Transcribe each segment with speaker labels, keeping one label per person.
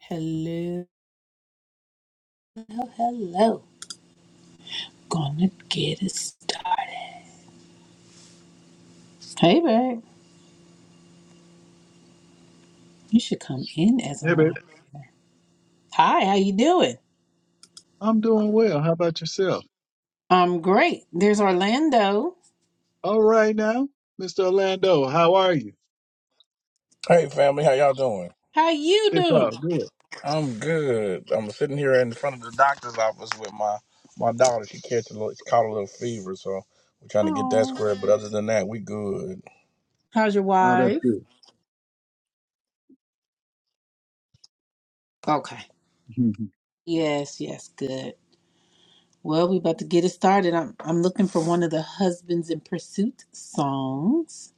Speaker 1: Hello, hello. Gonna get it started. Hey, babe. You should come in as a
Speaker 2: Hey, babe.
Speaker 1: mom. Hi, how you doing?
Speaker 2: I'm doing well. How about yourself?
Speaker 1: I'm great. There's Orlando.
Speaker 2: All right now, Mr. Orlando, how are you?
Speaker 3: Hey family, how y'all doing?
Speaker 1: How you
Speaker 2: It's all
Speaker 1: doing?
Speaker 2: good.
Speaker 3: I'm good. I'm sitting here in front of the doctor's office with my my daughter. She catch a little, she caught a little fever, so we're trying to get that
Speaker 1: Oh,
Speaker 3: squared. But other than that, we good.
Speaker 1: how's your
Speaker 2: Oh, that's
Speaker 1: wife?
Speaker 2: good.
Speaker 1: Okay. Yes, yes, good. Well, we about to get it started. I'm I'm looking for one of the husbands in pursuit songs.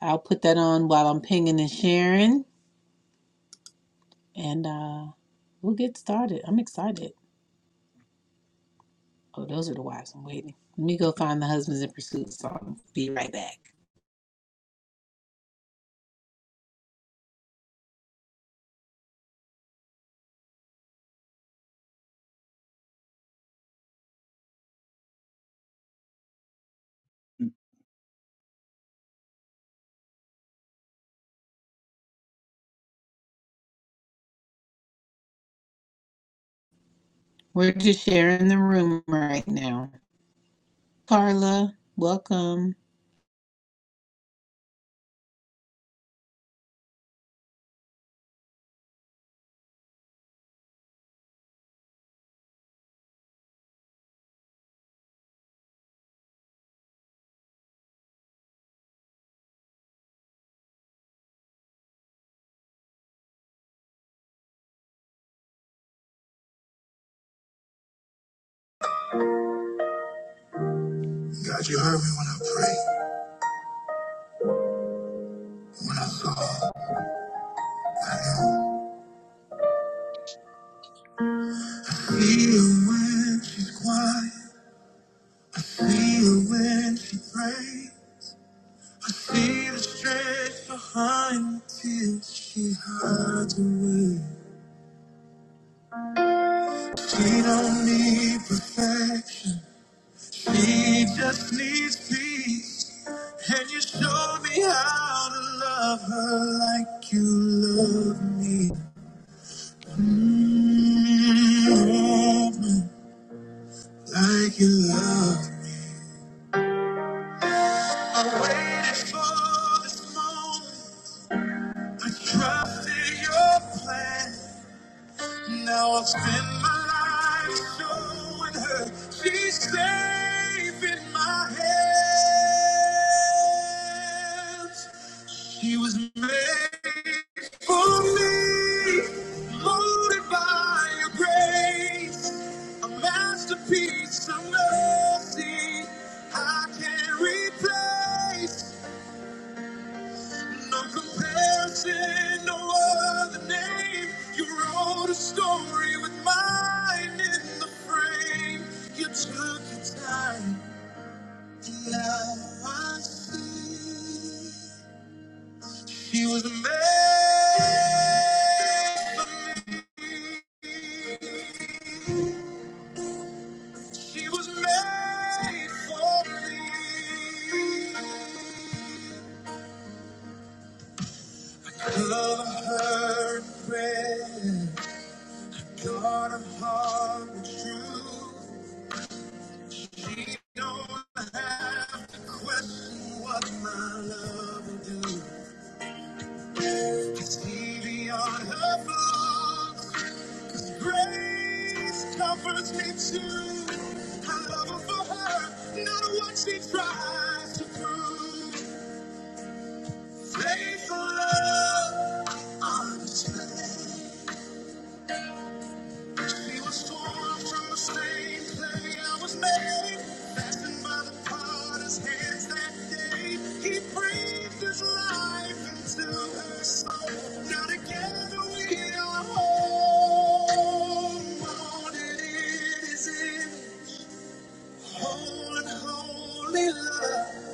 Speaker 1: I'll put that on while I'm pinging and sharing, and uh, we'll get started. I'm excited. Oh, those are the wives I'm waiting. Let me go find the husbands in pursuit song. Be right back. We're just sharing the room right now. Carla, welcome. God, you heard me when I pray. I See her when she's quiet. I see her when she prays. I See the strength behind the tears she hides away. She don't need perfection. He just needs peace. And you show me how to love her like you love me. Mm, Like you love me. I waited for this moment. I trusted your plan. Now I'll spend my life showing her she's safe in my hands. He was made for me, molded by your grace, a masterpiece of mercy. I can't replace, no comparison, no other name. You wrote a story with mine in the frame. You took your time, and now I see. She was made for me. She was made for me. Love of her friend, God of heart and truth. She don't have to question what my love will do. I see beyond her flaws. Grace covers me too. Her love for her, not what she tries to prove. Faithful love, unchained. She was torn from the same clay I was made. Fastened by the potter's hands that day. He breathed his life into her soul. Now together we are whole. Molded in his image. Holy, holy love.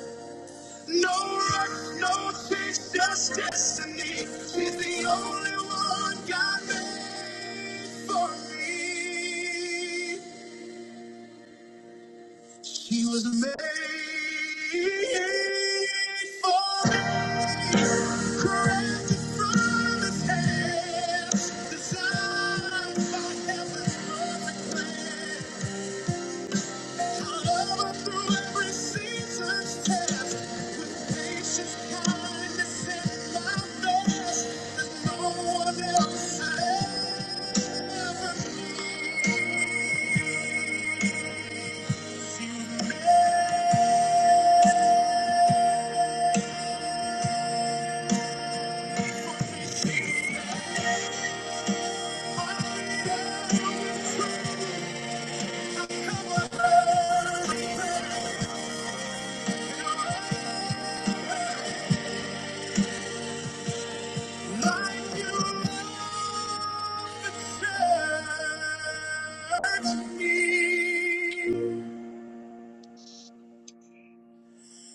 Speaker 1: No rush, no chase, just destiny. She's the only one God made for me. She was made for me. Crafted from his hands. Designed by heaven's perfect plan. Thank you.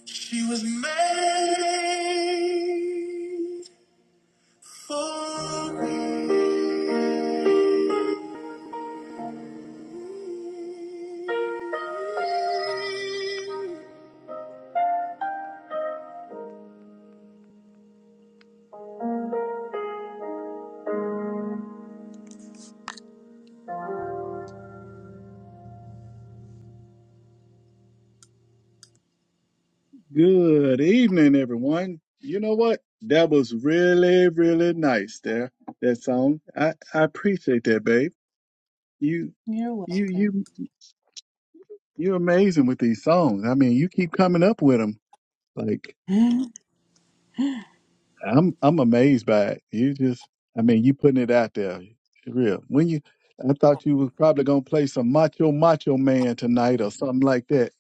Speaker 1: She was made for me.
Speaker 2: good evening, everyone. You know what? That was really, really nice there. That song. I, I appreciate that, babe. You,
Speaker 1: You're
Speaker 2: you,
Speaker 1: welcome.
Speaker 2: you, you're amazing with these songs. I mean, you keep coming up with them. Like, I'm I'm amazed by it. You just, I mean, you putting it out there, for real. When you, I thought you was probably gonna play some Macho Macho Man tonight or something like that.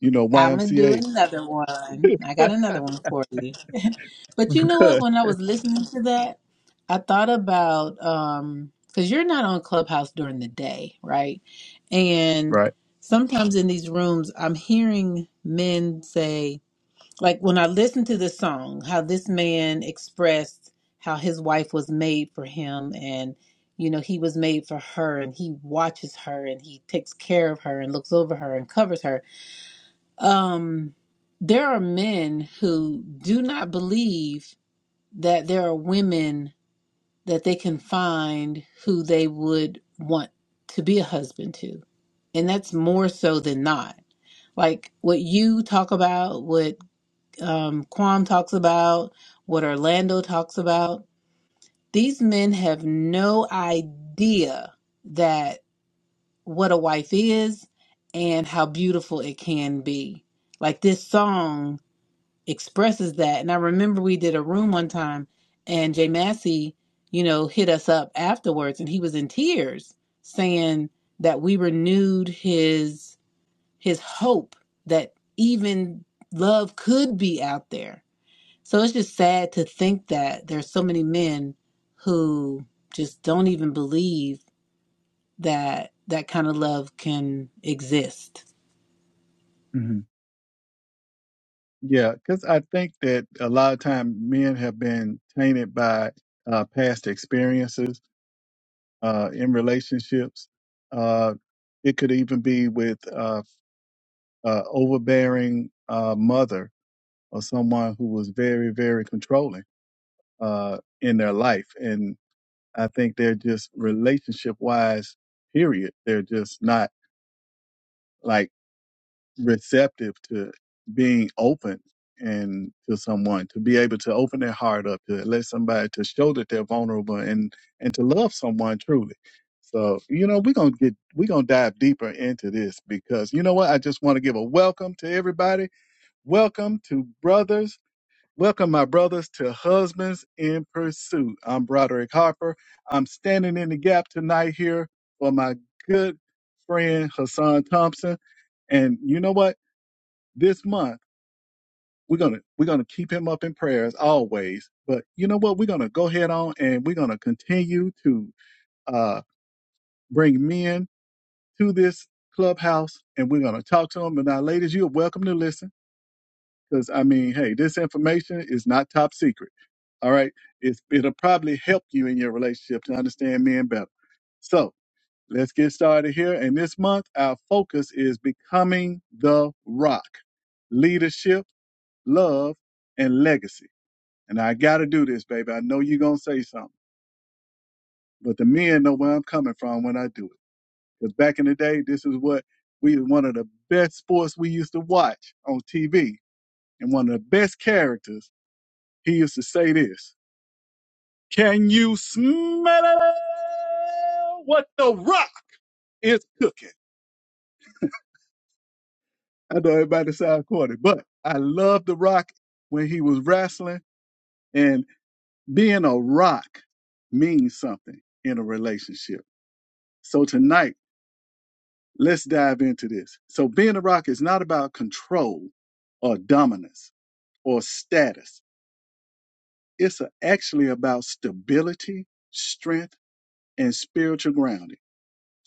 Speaker 2: You know,
Speaker 1: I'm gonna do
Speaker 2: YMCA.
Speaker 1: another one. I got another one for you. but you know what? When I was listening to that, I thought about um because you're not on Clubhouse during the day, right? And
Speaker 2: right.
Speaker 1: sometimes in these rooms, I'm hearing men say, like when I listened to this song, how this man expressed how his wife was made for him and you know he was made for her and he watches her and he takes care of her and looks over her and covers her um, there are men who do not believe that there are women that they can find who they would want to be a husband to. And that's more so than not. Like what you talk about, what um, Quam talks about, what Orlando talks about, these men have no idea that what a wife is and how beautiful it can be. Like this song expresses that. And I remember we did a room one time and Jay Massey, you know, hit us up afterwards and he was in tears saying that we renewed his his hope that even love could be out there. So it's just sad to think that there's so many men who just don't even believe that that kind of love can exist.
Speaker 2: hmm Yeah, because I think that a lot of time men have been tainted by uh, past experiences uh, in relationships. Uh, it could even be with uh, uh, overbearing uh, mother or someone who was very, very controlling uh, in their life. And I think they're just relationship wise, period. They're just not like receptive to being open and to someone to be able to open their heart up to let somebody to show that they're vulnerable and and to love someone truly so you know we're gonna get we're gonna dive deeper into this because you know what i just want to give a welcome to everybody welcome to brothers Welcome, my brothers, to Husbands in Pursuit. I'm Broderick Harper. I'm standing in the gap tonight here for my good friend Hassan Thompson. And you know what? This month we're gonna we're gonna keep him up in prayers always. But you know what? We're gonna go ahead on and we're gonna continue to uh, bring men to this clubhouse, and we're gonna talk to them. And now, ladies, you're welcome to listen Because I mean, hey, this information is not top secret. All right, it's it'll probably help you in your relationship to understand men better. So let's get started here. And this month, our focus is becoming the rock, leadership, love, and legacy. And I got to do this, baby. I know you're gonna say something, but the men know where I'm coming from when I do it. Because back in the day, this is what we one of the best sports we used to watch on TV, and one of the best characters He used to say this Can you smell what the rock is cooking? I know everybody sounds corny, but I love the rock when he was wrestling, and being a rock means something in a relationship. So tonight, let's dive into this. So, being a rock is not about control or dominance or status, it's actually about stability, strength, and spiritual grounding.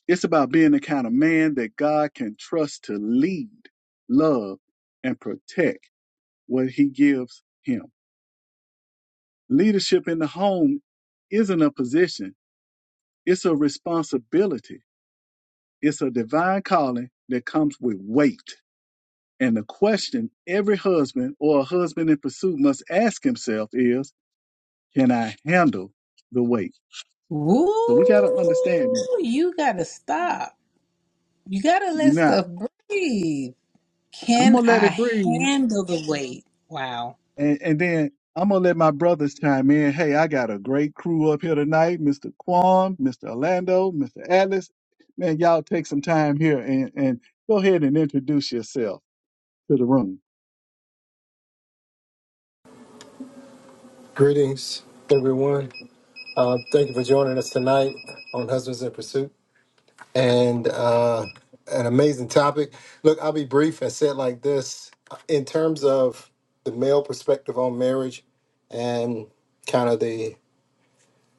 Speaker 2: It's about being the kind of man that God can trust to lead, love, and protect what he gives him. Leadership in the home isn't a position, it's a responsibility. It's a divine calling that comes with weight. And the question every husband or a husband in pursuit must ask himself is Can I handle the weight?
Speaker 1: Woo!
Speaker 2: So we got to understand that.
Speaker 1: You gotta stop. You gotta let
Speaker 2: Now,
Speaker 1: stuff breathe.
Speaker 2: I'm
Speaker 1: Can
Speaker 2: going to let it
Speaker 1: I
Speaker 2: breathe
Speaker 1: handle the weight? Wow.
Speaker 2: And, and then I'm gonna let my brothers chime in. Hey, I got a great crew up here tonight, Mr. Quam, Mr. Orlando, Mr. Atlas. Man, y'all take some time here and, and go ahead and introduce yourself to the room.
Speaker 4: Greetings, everyone. Uh, thank you for joining us tonight on Husbands in Pursuit and uh, an amazing topic. Look, I'll be brief and say it like this in terms of the male perspective on marriage and kind of the,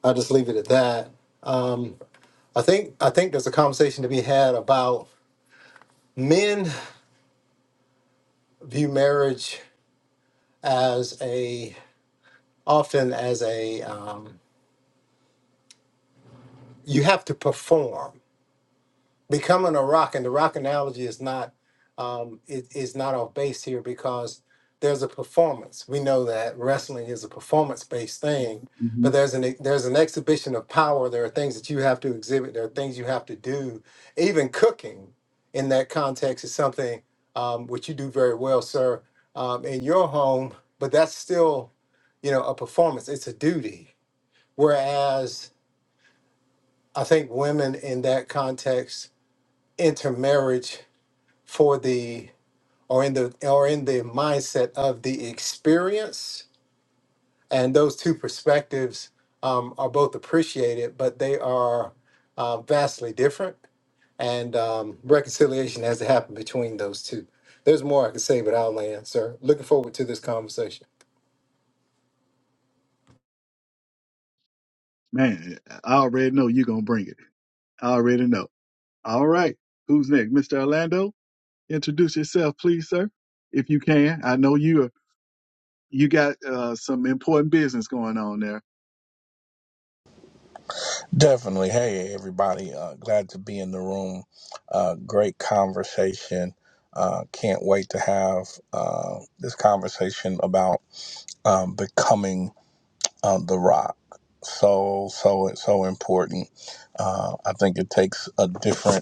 Speaker 4: I'll just leave it at that. Um, I think I think there's a conversation to be had about men view marriage as a often as a um, you have to perform becoming a rock and the rock analogy is not um, it is not off base here because there's a performance we know that wrestling is a performance based thing
Speaker 2: hmm
Speaker 4: but there's an e, there's an exhibition of power there are things that you have to exhibit there are things you have to do even cooking in that context is something um, which you do very well sir um, in your home but that's still you know a performance it's a duty whereas i think women in that context intermarriage for the or in the or in the mindset of the experience and those two perspectives um, are both appreciated but they are uh, vastly different and um, reconciliation has to happen between those two there's more i can say but i'll land sir looking forward to this conversation
Speaker 2: Man, I already know you're gonna bring it. I already know. All right, who's next, Mr. Orlando? introduce yourself, please, sir, if you can. I know you are, you got uh, some important business going on there.
Speaker 3: Definitely. Hey everybody, uh, glad to be in the room. Uh, great conversation. Uh, can't wait to have uh, this conversation about um, becoming uh, the rock. So so so important. Uh, I think it takes a different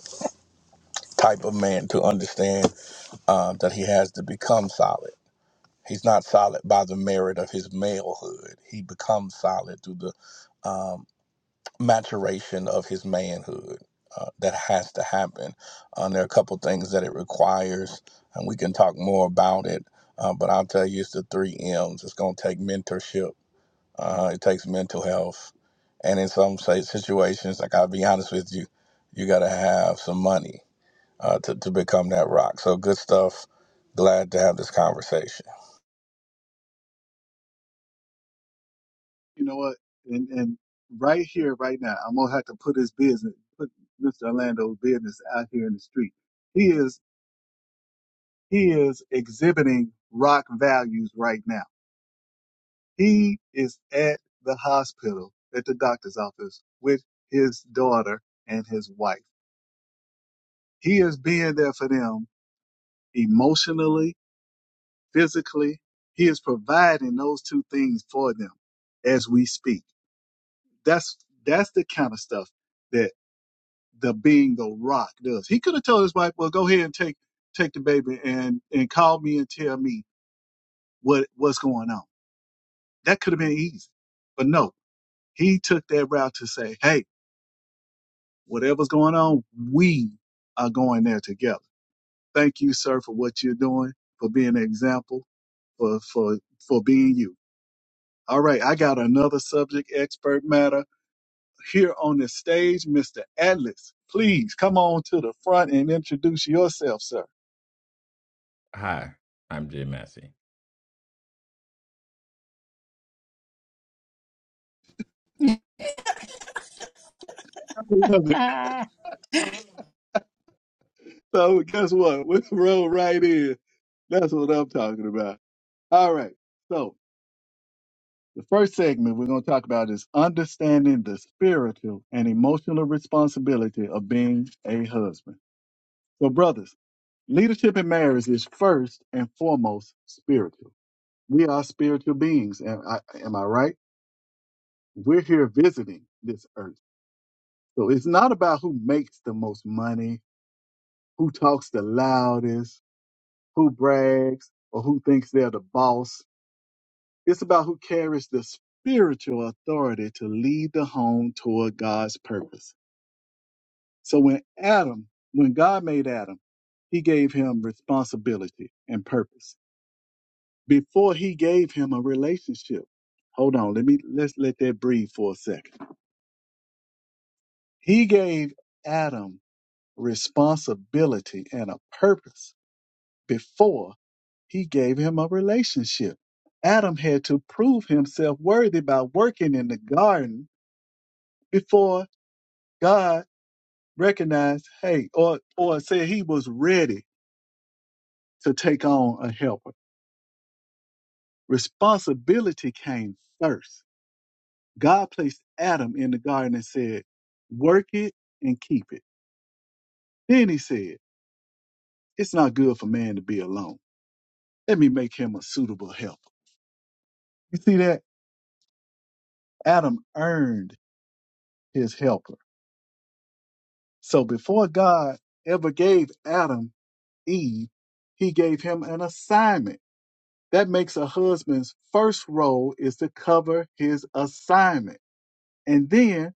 Speaker 3: type of man to understand uh, that he has to become solid. He's not solid by the merit of his malehood. He becomes solid through the um, maturation of his manhood. Uh, that has to happen. Uh, there are a couple things that it requires, and we can talk more about it. Uh, but I'll tell you, it's the three M's. It's going to take mentorship. Uh, it takes mental health, and in some say, situations, like I'll be honest with you, you got to have some money uh, to, to become that rock. So good stuff. Glad to have this conversation.
Speaker 2: You know what? And and right here, right now, I'm gonna have to put his business, put Mr. Orlando's business out here in the street. He is he is exhibiting rock values right now. He is at the hospital, at the doctor's office with his daughter and his wife. He is being there for them emotionally physically. He is providing those two things for them as we speak. That's that's the kind of stuff that the being the rock does. He could have told his wife, "Well, go ahead and take take the baby and and call me and tell me what what's going on." That could have been easy, but no, he took that route to say, "Hey, whatever's going on, we are going there together." Thank you, sir, for what you're doing, for being an example, for for for being you. All right, I got another subject expert matter here on the stage, Mr. Atlas. Please come on to the front and introduce yourself, sir.
Speaker 5: Hi, I'm Jay Massey.
Speaker 2: I Love it.
Speaker 1: Ah.
Speaker 2: So guess what? We roll right in. That's what I'm talking about. All right. So the first segment we're going to talk about is understanding the spiritual and emotional responsibility of being a husband. So, brothers, leadership in marriage is first and foremost spiritual. We are spiritual beings. Am I, am I right? We're here visiting this earth. So it's not about who makes the most money, who talks the loudest, who brags, or who thinks they're the boss. It's about who carries the spiritual authority to lead the home toward God's purpose. So when Adam, when God made Adam, he gave him responsibility and purpose before he gave him a relationship. Hold on, let me let's let that breathe for a second. He gave Adam responsibility, and a purpose before he gave him a relationship. Adam had to prove himself worthy by working in the garden before God recognized, hey, or, or said he was ready to take on a helper. Responsibility came first. God placed Adam in the garden and said, work it and keep it. Then he said, it's not good for man to be alone. Let me make him a suitable helper. You see that? Adam earned his helper. So before God ever gave Adam Eve, he gave him an assignment. That makes a husband's first role is to cover his assignment and then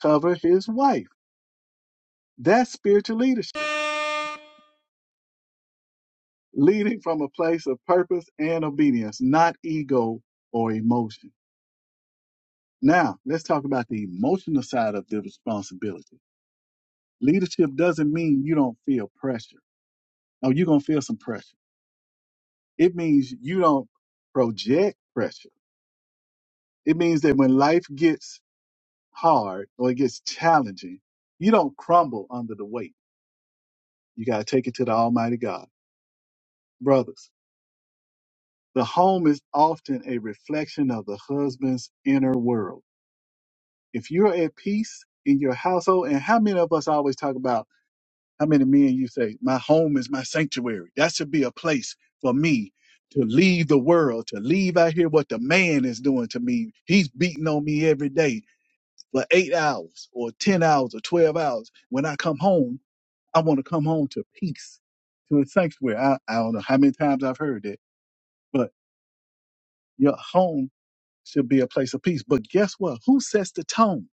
Speaker 2: cover his wife. That's spiritual leadership, leading from a place of purpose and obedience, not ego or emotion. Now, let's talk about the emotional side of the responsibility. Leadership doesn't mean you don't feel pressure. Oh, you're going to feel some pressure It means you don't project pressure. It means that when life gets hard or it gets challenging, you don't crumble under the weight. You got to take it to the Almighty God. Brothers, the home is often a reflection of the husband's inner world. If you're at peace in your household, and how many of us always talk about How many men you say, my home is my sanctuary? That should be a place for me to leave the world, to leave out here what the man is doing to me. He's beating on me every day for eight hours or 10 hours or 12 hours. When I come home, I want to come home to peace, to a sanctuary. I, I don't know how many times I've heard that, but your home should be a place of peace. But guess what? Who sets the tone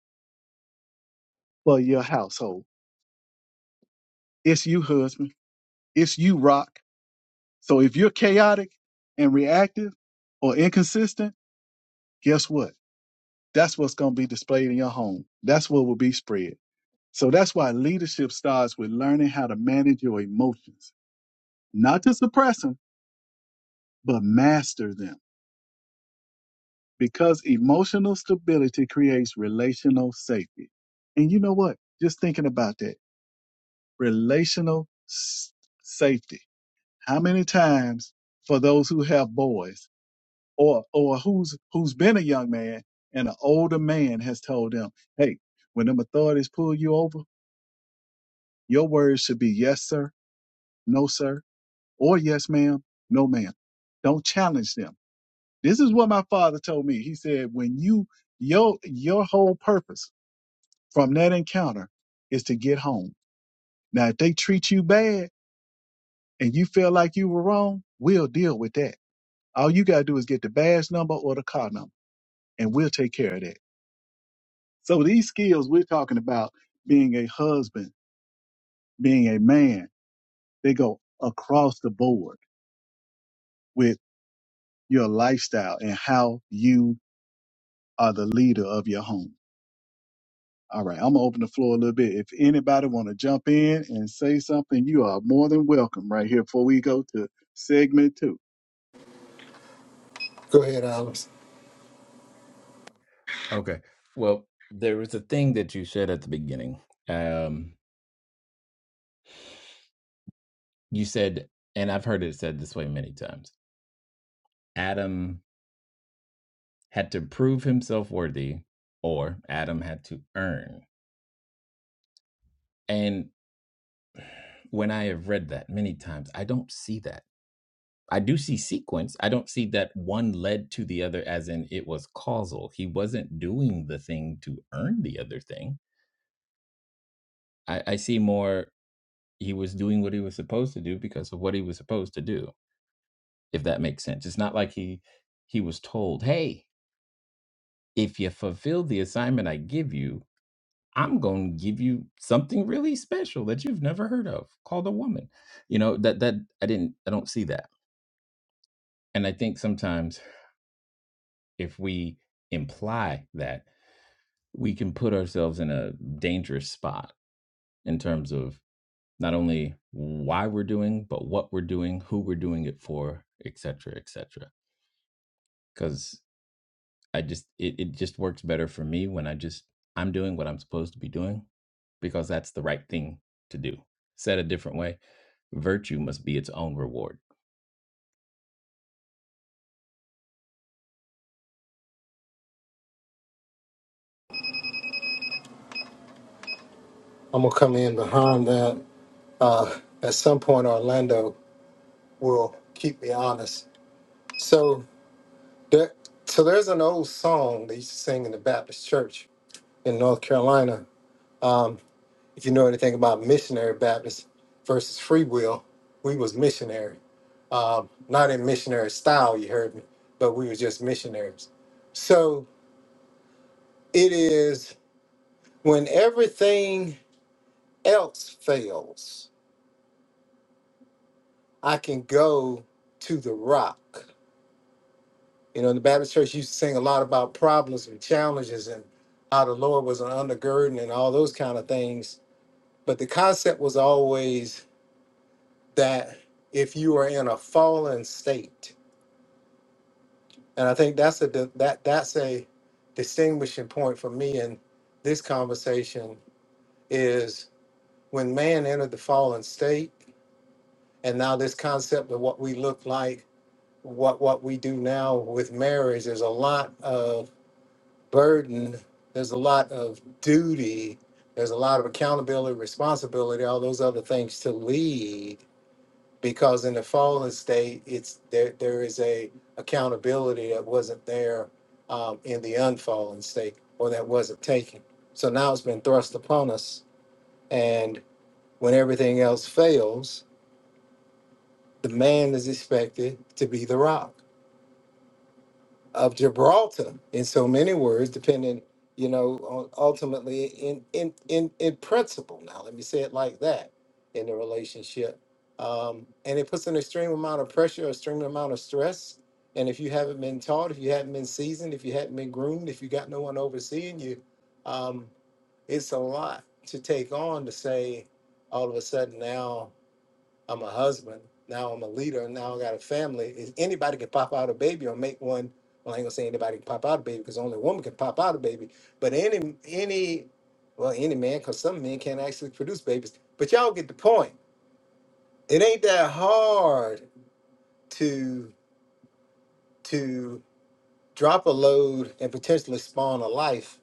Speaker 2: for your household? It's you, husband. It's you, Rock. So if you're chaotic and reactive or inconsistent, guess what? That's what's going to be displayed in your home. That's what will be spread. So that's why leadership starts with learning how to manage your emotions, not to suppress them, but master them because emotional stability creates relational safety. And you know what? Just thinking about that relational s- safety. How many times for those who have boys? or or who's who's been a young man and an older man has told them, hey, when them authorities pull you over, your words should be yes, sir, no, sir, or yes, ma'am, no, ma'am. Don't challenge them. This is what my father told me. He said, when you your your whole purpose from that encounter is to get home. Now, if they treat you bad and you feel like you were wrong, we'll deal with that. All you gotta do is get the badge number or the car number, and we'll take care of that. So these skills we're talking about being a husband, being a man, they go across the board with your lifestyle and how you are the leader of your home. All right, I'm gonna open the floor a little bit. If anybody want to jump in and say something, you are more than welcome right here before we go to segment two.
Speaker 4: go ahead
Speaker 5: S-
Speaker 4: alice
Speaker 5: Okay. Well, there was a thing that you said at the beginning. Um, you said, and I've heard it said this way many times Adam had to prove himself worthy, or Adam had to earn. And when I have read that many times, I don't see that. I do see sequence. I don't see that one led to the other, as in it was causal. He wasn't doing the thing to earn the other thing. I, I see more. he was doing what he was supposed to do because of what he was supposed to do if that makes sense it's not like he he was told hey if you fulfill the assignment i give you i'm going to give you something really special that you've never heard of called a woman you know that that i didn't i don't see that and i think sometimes if we imply that we can put ourselves in a dangerous spot in terms of not only why we're doing but what we're doing who we're doing it for etc cetera, etc because I just it, it just works better for me when I just I'm doing what I'm supposed to be doing because that's the right thing to do. Said a different way, virtue must be its own reward.
Speaker 4: i'm gonna come in behind that uh, at some point orlando will keep me honest so there, so there's an old song they used to sing in the baptist church in North Carolina. Um, if you know anything about missionary Baptists versus free will, we was missionary. Um, not in missionary style, you heard me, but we were just missionaries. So it is when everything else fails, I can go to the rock. You know, in the Baptist church used to sing a lot about problems and challenges and how the Lord was an undergirding and all those kind of things. But the concept was always that if you are in a fallen state, and I think that's a di- that that's a distinguishing point for me in this conversation is when man entered the fallen state, and now this concept of what we look like, what what we do now with marriage, there's a lot of burden, there's a lot of duty, there's a lot of accountability, responsibility, all those other things to lead because in the fallen state, it's there. There is a accountability that wasn't there um, in the unfallen state, or that wasn't taken. So now it's been thrust upon us, and when everything else fails, the man is expected to be the rock. of Gibraltar in so many words, depending, you know, on ultimately in in in in principle. Now, let me say it like that in the relationship, um, and it puts an extreme amount of pressure, extreme amount of stress. And if you haven't been taught, if you haven't been seasoned, if you hadn't been groomed, if you got no one overseeing you, um, it's a lot to take on to say all of a sudden now I'm a husband. Now I'm a leader. Now I got a family. If anybody can pop out a baby or make one? Well, I ain't gonna say anybody can pop out a baby because only a woman can pop out a baby. But any any well any man because some men can't actually produce babies. But y'all get the point. It ain't that hard to to drop a load and potentially spawn a life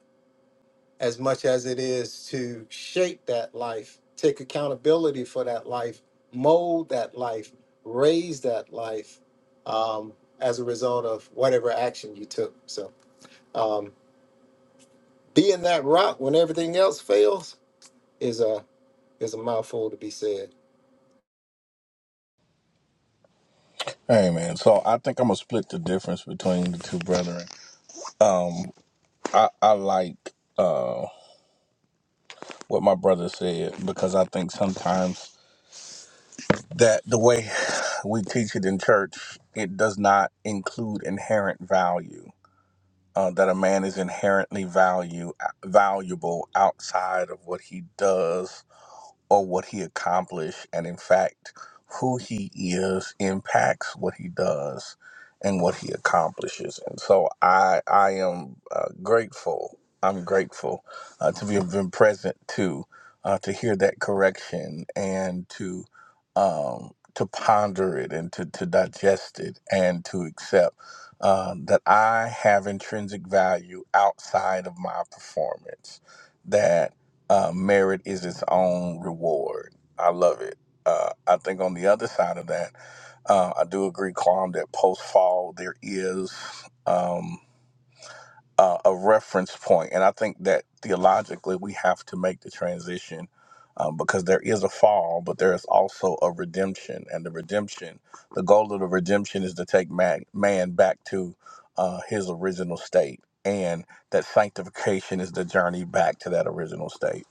Speaker 4: as much as it is to shape that life, take accountability for that life, mold that life, raise that life um, as a result of whatever action you took. So um, being that rock when everything else fails is a is a mouthful to be said.
Speaker 3: Hey man, so I think I'm gonna split the difference between the two brethren. I, I like what my brother said because I think sometimes that the way we teach it in church, it does not include inherent value. Uh, that a man is inherently value valuable outside of what he does or what he accomplished. And in fact, who he is impacts what he does and what he accomplishes. And so I, I am uh, grateful. I'm grateful uh, to be, have been present to, uh, to hear that correction and to, um, to ponder it and to, to digest it and to accept um, that I have intrinsic value outside of my performance. That uh, merit is its own reward. I love it. Uh, I think on the other side of that, uh, I do agree, Quam, that post fall there is um, uh, a a reference point, and I think that theologically we have to make the transition um, because there is a fall, but there is also a redemption, and the redemption, the goal of the redemption is to take man, man back to uh, his original state, and that sanctification is the journey back to that original state.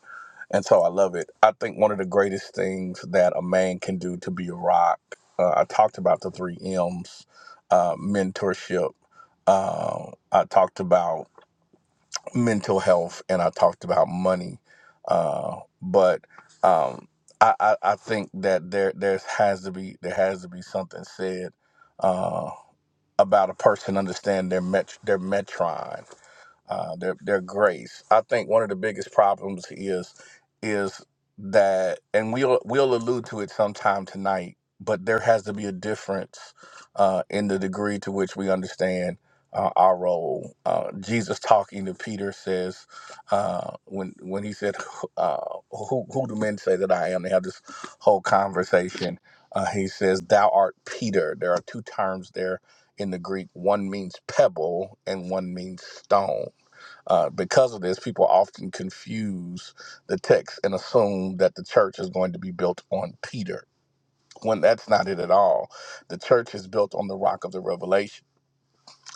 Speaker 3: And so I love it. I think one of the greatest things that a man can do to be a rock, uh, I talked about the three M's uh, mentorship, uh, I talked about mental health, and I talked about money. Uh, but um, I, I, I think that there there's has to be there has to be something said uh, about a person understand their met, their metron uh, their their grace. I think one of the biggest problems is is that, and we'll we'll allude to it sometime tonight. But there has to be a difference uh, in the degree to which we understand uh, our role. Uh, Jesus talking to Peter says uh, when when he said, uh, "Who who do men say that I am?" They have this whole conversation. Uh, he says, "Thou art Peter." There are two terms there in the Greek. One means pebble, and one means stone uh, because of this, people often confuse the text and assume that the church is going to be built on Peter. When that's not it at all, the church is built on the rock of the revelation,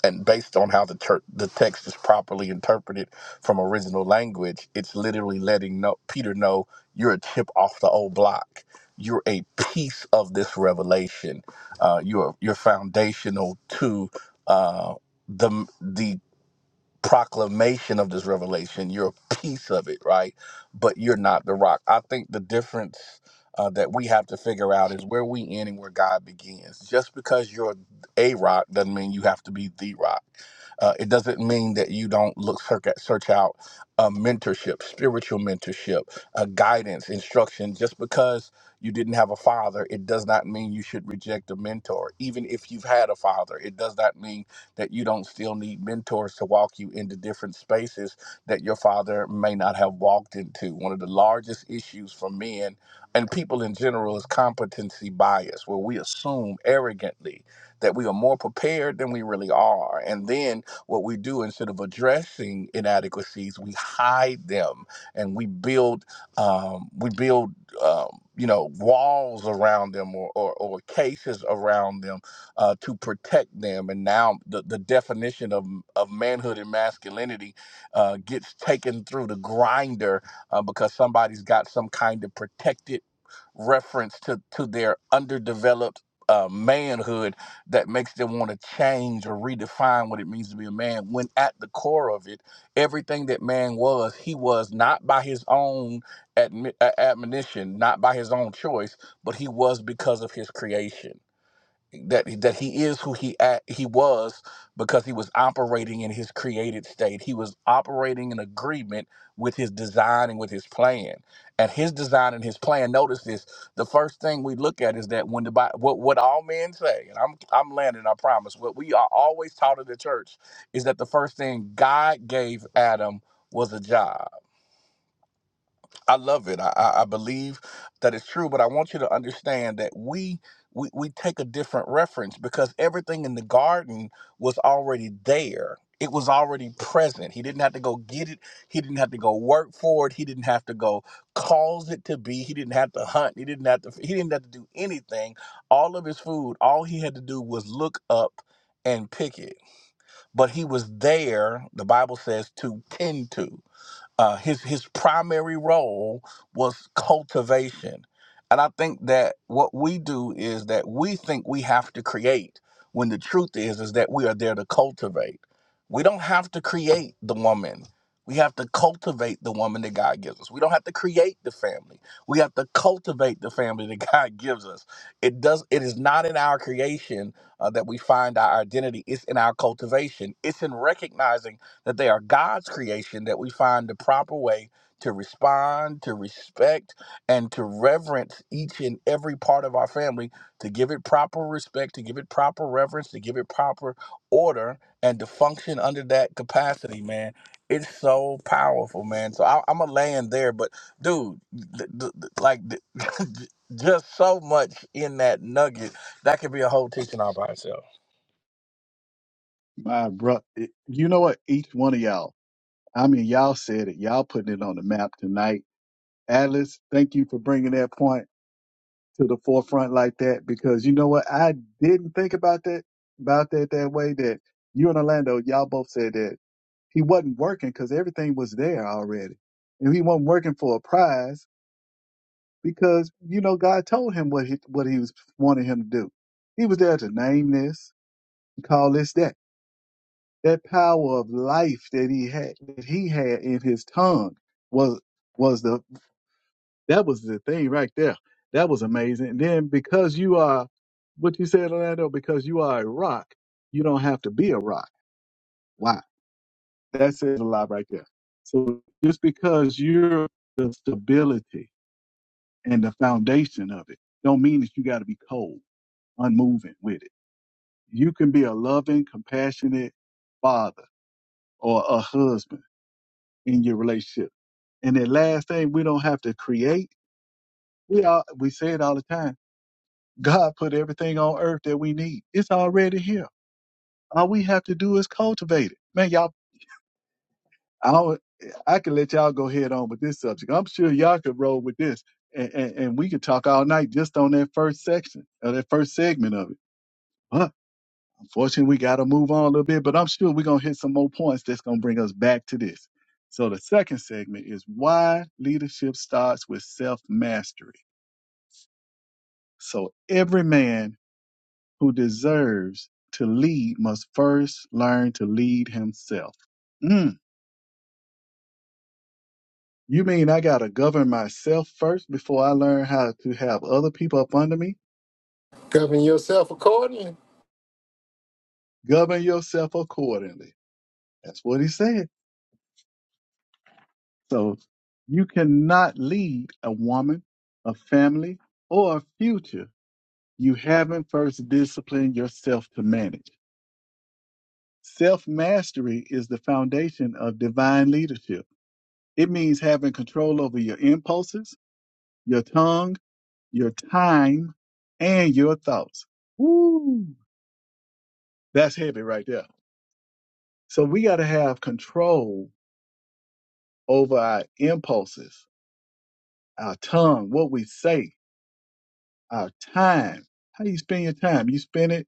Speaker 3: and based on how the church, the text is properly interpreted from original language, it's literally letting know, Peter know you're a chip off the old block. You're a piece of this revelation. Uh, you're you're foundational to uh, the the proclamation of this revelation. You're a piece of it, right? But you're not the rock. I think the difference uh, that we have to figure out is where we end and where God begins. Just because you're a rock doesn't mean you have to be the rock uh, it doesn't mean that you don't look search, out uh, mentorship, spiritual mentorship, uh, guidance, instruction. Just because you didn't have a father, it does not mean you should reject a mentor. Even if you've had a father, it does not mean that you don't still need mentors to walk you into different spaces that your father may not have walked into. One of the largest issues for men and people in general is competency bias, where we assume arrogantly that we are more prepared than we really are. And then what we do instead of addressing inadequacies, we hide them and we build um, we build um, you know walls around them or, or, or cases around them uh, to protect them. And now the, the definition of of manhood and masculinity uh, gets taken through the grinder uh, because somebody's got some kind of protected reference to to their underdeveloped uh, manhood that makes them want to change or redefine what it means to be a man. When at the core of it, everything that man was, he was not by his own admi- uh, admonition, not by his own choice, but he was because of his creation that that he is who he a- he was because he was operating in his created state. He was operating in agreement with his design and with his plan. And his design and his plan. Notice this. The first thing we look at is that when the Bi- what what all men say, and I'm I'm landing. I promise. What we are always taught in the church is that the first thing God gave Adam was a job I love it. I, I I believe that it's true, but I want you to understand that we, we we take a different reference because everything in the garden was already there. It was already present. He didn't have to go get it. He didn't have to go work for it. He didn't have to go cause it to be. He didn't have to hunt. He didn't have to. He didn't have to do anything. All of his food. All he had to do was look up and pick it. But he was there. The Bible says to tend to uh, his his primary role was cultivation, and I think that what we do is that we think we have to create when the truth is is that we are there to cultivate. We don't have to create the woman. We have to cultivate the woman that God gives us. We don't have to create the family. We have to cultivate the family that God gives us. It does. It is not in our creation uh, that we find our identity. It's in our cultivation. It's in recognizing that they are God's creation, that we find the proper way to respond, to respect, and to reverence each and every part of our family, to give it proper respect, to give it proper reverence, to give it proper order, and to function under that capacity, man. It's so powerful, man. So I, I'm a land there, but dude, th- th- th- like th- just so much in that nugget that could be a whole teaching all by itself.
Speaker 2: My bro, you know what? Each one of y'all, I mean, y'all said it. Y'all putting it on the map tonight. Atlas, thank you for bringing that point. to the forefront like that because you know what? I didn't think about that about that that way. That you and Orlando, y'all both said that he wasn't working because everything was there already, and he wasn't working for a prize because you know God told him what he what he was wanting him to do. He was there to name this, call this that. That power of life that he had that he had in his tongue was was the That was the thing right there. That was amazing. And then because you are what you said, Orlando, because you are a rock, you don't have to be a rock. Wow. That says a lot right there. So just because you're the stability and the foundation of it, don't mean that you gotta be cold, unmoving with it. You can be a loving, compassionate father or a husband in your relationship. And the last thing we don't have to create, we all we say it all the time God put everything on earth that we need. It's already here. All we have to do is cultivate it. Man, y'all, I, don't- I can let y'all go head on with this subject. I'm sure y'all could roll with this, and, and, and we could talk all night just on that first section or that first segment of it. But unfortunately, we got to move on a little bit. But I'm sure we're gonna hit some more points that's gonna bring us back to this. So the second segment is why leadership starts with self mastery. So every man who deserves to lead must first learn to lead himself. Mm, you mean I got to govern myself first before I learn how to have other people up under me?
Speaker 4: Govern yourself accordingly.
Speaker 2: Govern yourself accordingly. That's what he said. So you cannot lead a woman, a family, or a future. You haven't first disciplined yourself to manage. Self mastery is the foundation of divine leadership. It means having control over your impulses your tongue, your time, and your thoughts. Woo! That's heavy right there. So we got to have control over our impulses, our tongue, what we say, our time. How you spend your time? You spend it,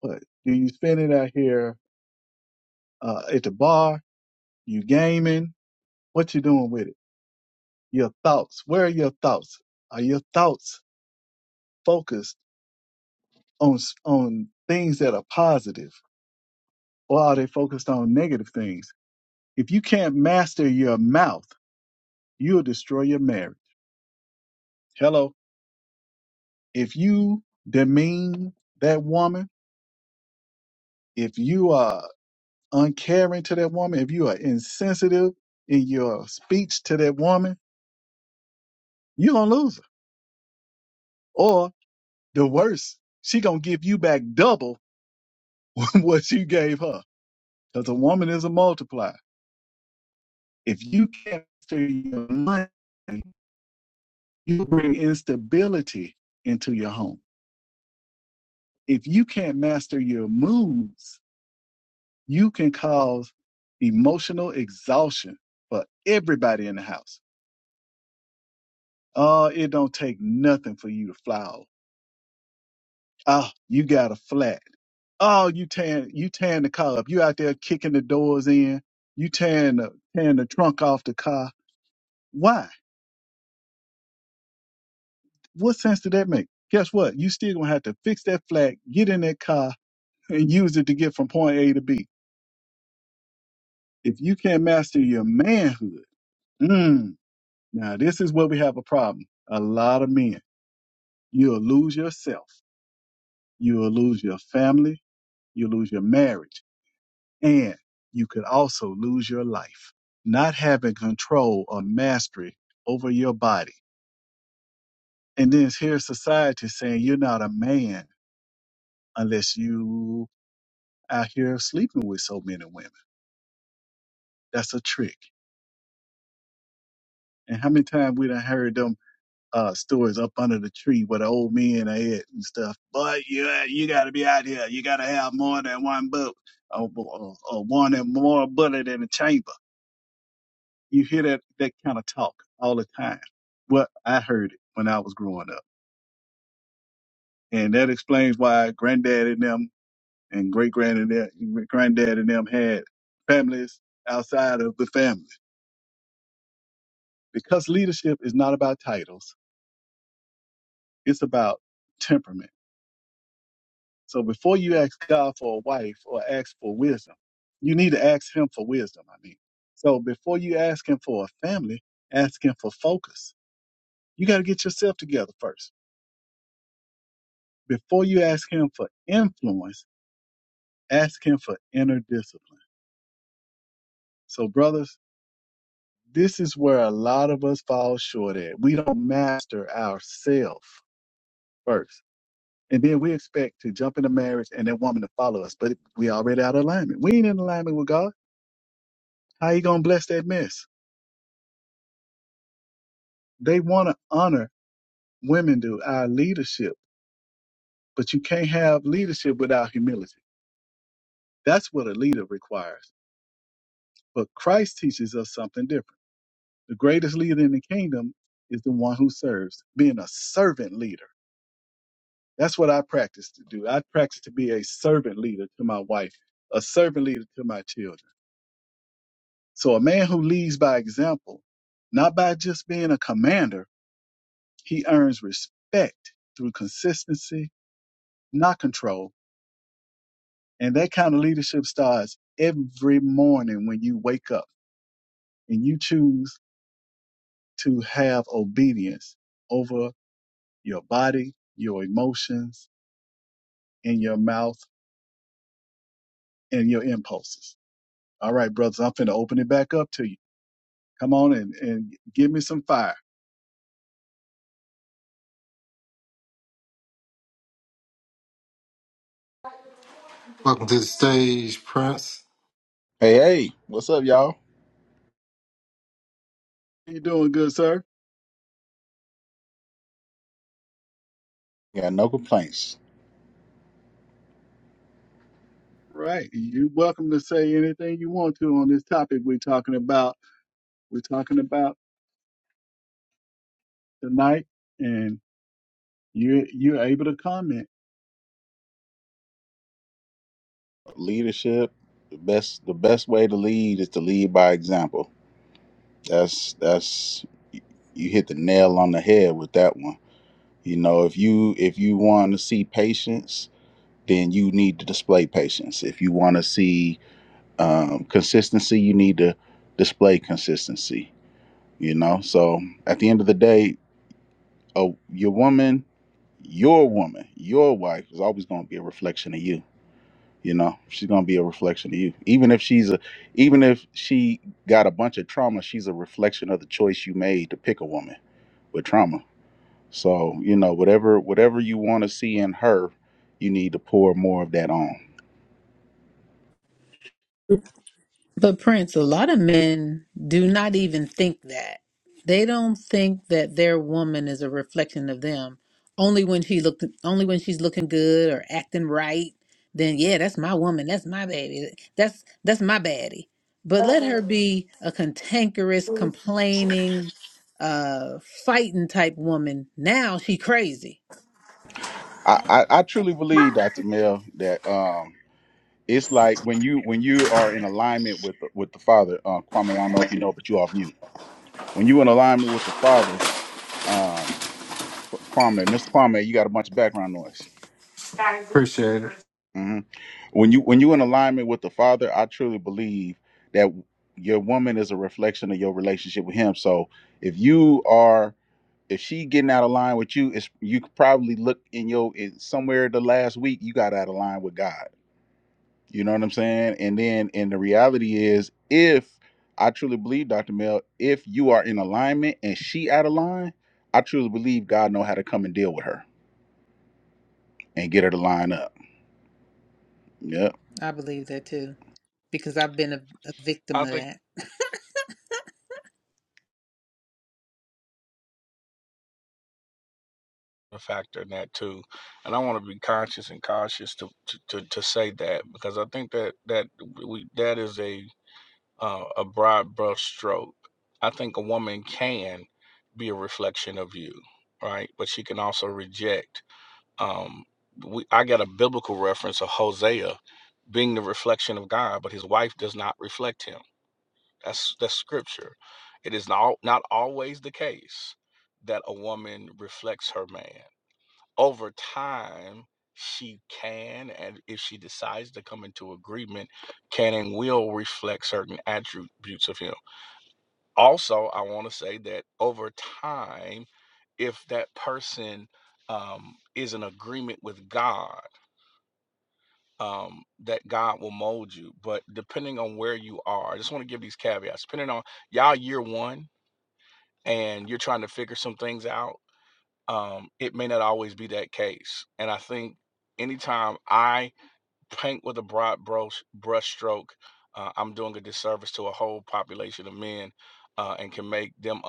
Speaker 2: what? Do you spend it out here uh, at the bar? You gaming? What you doing with it? Your thoughts. Where are your thoughts? Are your thoughts focused on s- on things that are positive, or are they focused on negative things? If you can't master your mouth, you'll destroy your marriage. Hello. If you demean that woman, if you are uncaring to that woman, if you are insensitive in your speech to that woman, you're gonna lose her. Or the worst, she gonna give you back double what you gave her. Because a woman is a multiplier. If you can't master your money, you bring instability into your home. If you can't master your moods, you can cause emotional exhaustion for everybody in the house. Oh, it don't take nothing for you to fly off. Oh, you got a flat. Oh, you tearing you tearing the car up. You out there kicking the doors in. You tearing the tearing the trunk off the car. Why? What sense did that make? Guess what? You still gonna have to fix that flat, get in that car, and use it to get from point A to B. If you can't master your manhood, mm, now this is where we have a problem. A lot of men. You'll lose yourself. You'll lose your family. You'll lose your marriage. And you could also lose your life. Not having control or mastery over your body. And then here's society saying you're not a man unless you out here sleeping with so many women. That's a trick. And how many times we done heard them uh stores up under the tree where the old men are at and stuff. But you uh, you gotta be out here. You gotta have more than one bullet, or, or, or one and more bullet in the chamber. You hear that that kind of talk all the time. Well, I heard it when I was growing up, and that explains why granddad and them and great granddad granddad and them had families outside of the family because leadership is not about titles. It's about temperament So before you ask God for a wife or ask for wisdom, you need to ask Him for wisdom. I mean, so before you ask Him for a family, ask Him for focus. You got to get yourself together first. Before you ask Him for influence, ask Him for inner discipline. So, brothers, this is where a lot of us fall short at. We don't master ourselves first. And then we expect to jump into marriage and that woman to follow us, but we already out of alignment. We ain't in alignment with God. How you gonna bless that mess? They want to honor women do our leadership, but you can't have leadership without humility. That's what a leader requires. But Christ teaches us something different. The greatest leader in the kingdom is the one who serves, being a servant leader. That's what I practice to do. I practice to be a servant leader to my wife, a servant leader to my children. So a man who leads by example, not by just being a commander, he earns respect through consistency, not control And that kind of leadership starts every morning when you wake up and you choose to have obedience over your body, your emotions, and your mouth and your impulses. All right, brothers, I'm finna open it back up to you. Come on and, and give me some fire.
Speaker 4: Welcome to the stage, Prince.
Speaker 6: Hey, hey, what's up, y'all?
Speaker 2: You doing good, sir?
Speaker 6: Got no complaints.
Speaker 2: Right. You're welcome to say anything you want to on this topic we're talking about. We're talking about tonight, and you you're able to comment.
Speaker 6: Leadership, the best the best way to lead is to lead by example. That's that's you hit the nail on the head with that one. You know, if you if you want to see patience, then you need to display patience. If you want to see um, consistency, you need to display consistency. You know, so at the end of the day, a your woman, your woman, your wife is always going to be a reflection of you you know she's gonna be a reflection of you even if she's a even if she got a bunch of trauma she's a reflection of the choice you made to pick a woman with trauma so you know whatever whatever you want to see in her you need to pour more of that on
Speaker 1: But Prince, a lot of men do not even think that. They don't think that their woman is a reflection of them. Only when she looked, only when she's looking good or acting right, then yeah, that's my woman. That's my baby. That's that's my baddie. But let her be a cantankerous, complaining, uh, fighting type woman. Now she crazy.
Speaker 6: i i, I truly believe dr mel that um it's like when you when you are in alignment with the, with the father uh kwame i don't know if you know but you off mute when you in alignment with the father um Kwame, Mr. Kwame, you got a bunch of background noise.
Speaker 4: Appreciate it.
Speaker 6: Mm-hmm. when you when you in alignment with the father i truly believe that your woman is a reflection of your relationship with him so if you are if she getting out of line with you it's you could probably look in your in somewhere the last week you got out of line with god you know what i'm saying and then and the reality is if i truly believe dr mel if you are in alignment and she out of line i truly believe god know how to come and deal with her and get her to line up Yep.
Speaker 1: I believe that too because I've been a, a victim
Speaker 3: I
Speaker 1: of
Speaker 3: think
Speaker 1: that.
Speaker 3: a factor in that too, and I want to be conscious and cautious to, to, to, to say that because I think that that we that is a uh, a broad brush stroke. I think a woman can be a reflection of you, right? But she can also reject. Um, we I got a biblical reference of Hosea being the reflection of God, but his wife does not reflect him That's that's scripture. It is not not always the case that a woman reflects her man. Over time, she can, and if she decides to come into agreement, can and will reflect certain attributes of him. Also, I want to say that over time, if that person um, is in agreement with God, um, that God will mold you. But depending on where you are, I just want to give these caveats. Depending on y'all, year one and you're trying to figure some things out, um, it may not always be that case. And I think anytime I paint with a broad brush brush stroke. uh, I'm doing a disservice to a whole population of men, uh, and can make them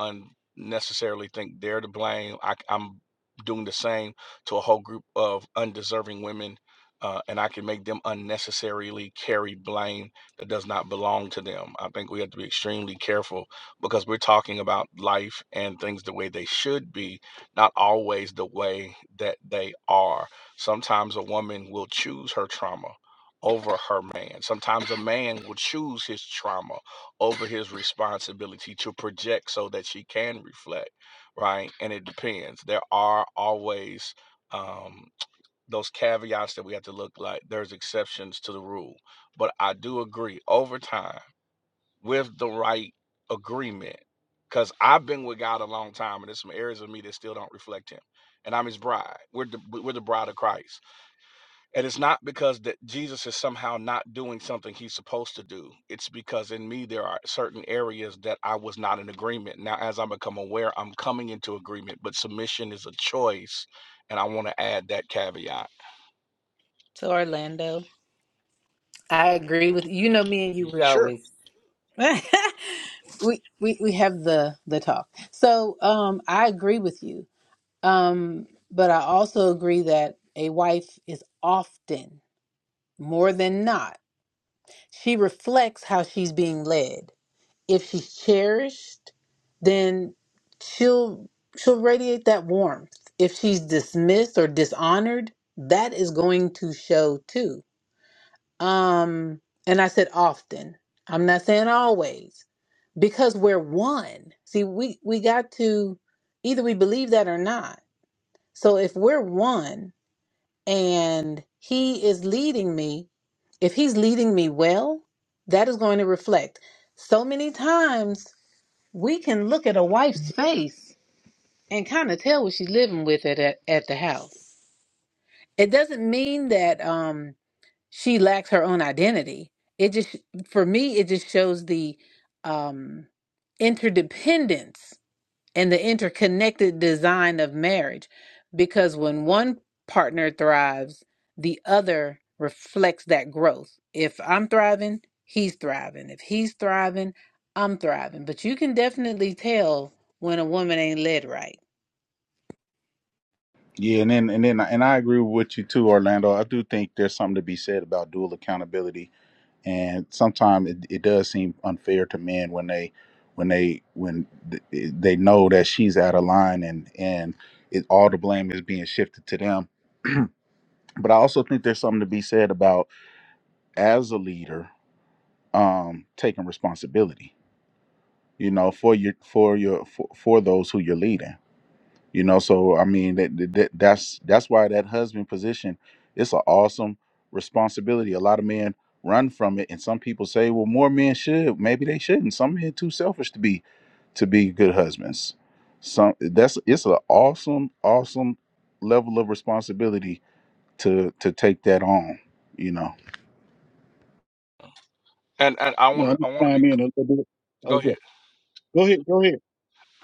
Speaker 3: unnecessarily think they're to blame. I, am doing the same to a whole group of undeserving women, uh, and I can make them unnecessarily carry blame that does not belong to them. I think we have to be extremely careful because we're talking about life and things the way they should be, not always the way that they are Sometimes a woman will choose her trauma over her man. Sometimes a man will choose his trauma over his responsibility to project so that she can reflect, right? And it depends. There are always um, those caveats that we have to look like. There's exceptions to the rule. But I do agree over time with the right agreement, because I've been with God a long time and there's some areas of me that still don't reflect Him. And I'm His bride. We're the, we're the bride of Christ and it's not because that Jesus is somehow not doing something he's supposed to do. It's because in me there are certain areas that I was not in agreement. Now as I become aware, I'm coming into agreement, but submission is a choice, and I want to add that caveat.
Speaker 1: to Orlando. I agree with you. Know me and you. We
Speaker 3: Sure.
Speaker 1: always we we, we have the the talk. So um, I agree with you. Um, but I also agree that a wife is often more than not she reflects how she's being led. if she's cherished, then she'll she'll radiate that warmth. If she's dismissed or dishonored, that is going to show too. Um, and I said often. I'm not saying always because we're one. See, we we got to either we believe that or not. So if we're one and he is leading me, if he's leading me well, that is going to reflect. So many times we can look at a wife's face and kind of tell what she's living with at, at at the house. It doesn't mean that um she lacks her own identity. It just for me it just shows the um interdependence and the interconnected design of marriage because when one partner thrives the other reflects that growth if i'm thriving he's thriving if he's thriving i'm thriving but you can definitely tell when a woman ain't led right
Speaker 6: Yeah, and then and then and I agree with what you too, Orlando. I do think there's something to be said about dual accountability, and sometimes it, it does seem unfair to men when they when they when th- they know that she's out of line and and it, all the blame is being shifted to them. But I also think there's something to be said about as a leader um, taking responsibility, you know, for your for your for, for those who you're leading You know, so I mean that, that that- that's that's why that husband position it's an awesome responsibility. A lot of men run from it, and some people say, well, more men should. Maybe they shouldn't. Some men too selfish to be to be good husbands. Some that's it's an awesome, awesome level of responsibility to to take that on. You know.
Speaker 3: And and I
Speaker 2: No,
Speaker 3: want
Speaker 2: I'm
Speaker 3: to I want to
Speaker 2: gonna
Speaker 3: be
Speaker 2: chime
Speaker 3: c-
Speaker 2: in a little bit. Okay.
Speaker 3: go ahead.
Speaker 2: Go ahead, go ahead.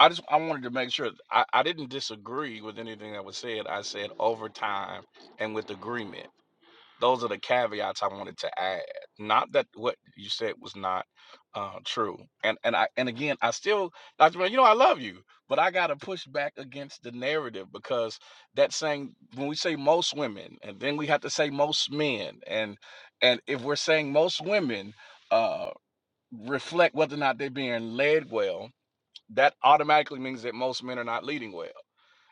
Speaker 3: I just I wanted to make sure I, I didn't disagree with anything that was said. I said over time and with agreement. Those are the caveats I wanted to add. Not that what you said was not uh, true. And and I and again, I still, Dr. Mel, you know, I love you, but I gotta push back against the narrative because that saying when we say most women, and then we have to say most men, and and if we're saying most women uh, reflect whether or not they're being led well, that automatically means that most men are not leading well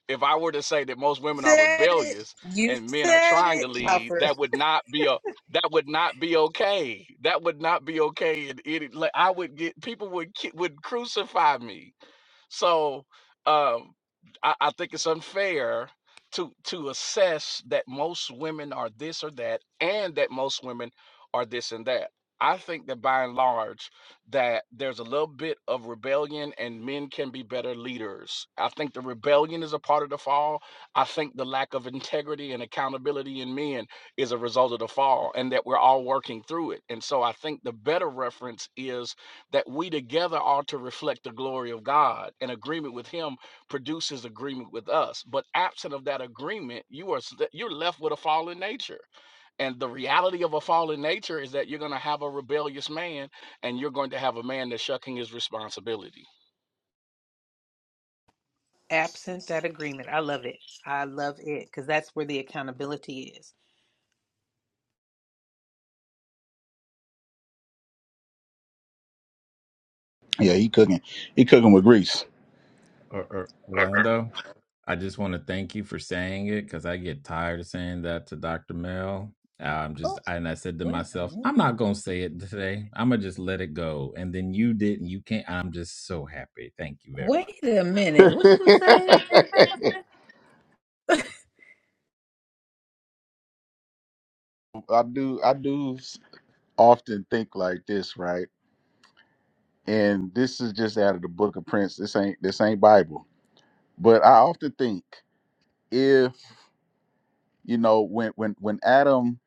Speaker 3: if I were to say that most women are
Speaker 1: Said it.
Speaker 3: rebellious
Speaker 1: You
Speaker 3: and men are
Speaker 1: said
Speaker 3: trying to
Speaker 1: it,
Speaker 3: lead,
Speaker 1: Alfred.
Speaker 3: that would not be a that would not be okay. That would not be okay. And it, like, I would get people would ki- would crucify me so um, I, I think it's unfair to to assess that most women are this or that, and that most women are this and that. I think that by and large, that there's a little bit of rebellion, and men can be better leaders. I think the rebellion is a part of the fall. I think the lack of integrity and accountability in men is a result of the fall, and that we're all working through it. And so, I think the better reference is that we together are to reflect the glory of God. And agreement with Him produces agreement with us. But absent of that agreement, you are you're left with a fallen nature. And the reality of a fallen nature is that you're going to have a rebellious man, and you're going to have a man that's shucking his responsibility.
Speaker 1: absent that agreement i love it i love it because that's where the accountability is
Speaker 6: Yeah, he cooking. He cooking with grease.
Speaker 5: Or, or Orlando, I just want to thank you for saying it because I get tired of saying that to Dr. Mel. I'm just
Speaker 1: oh
Speaker 5: and I said to
Speaker 1: wait a
Speaker 5: myself,
Speaker 1: minute
Speaker 5: I'm not gonna say it today. I'm gonna just let it go. And then you didn't. You can't. I'm just so happy. Thank you very
Speaker 1: wait
Speaker 5: much.
Speaker 1: a minute
Speaker 6: I
Speaker 1: what you say that's
Speaker 6: do. I do often think like this, right? And this is just out of the Book of Prince. This ain't. This ain't Bible. But I often think if you know when when when Adam.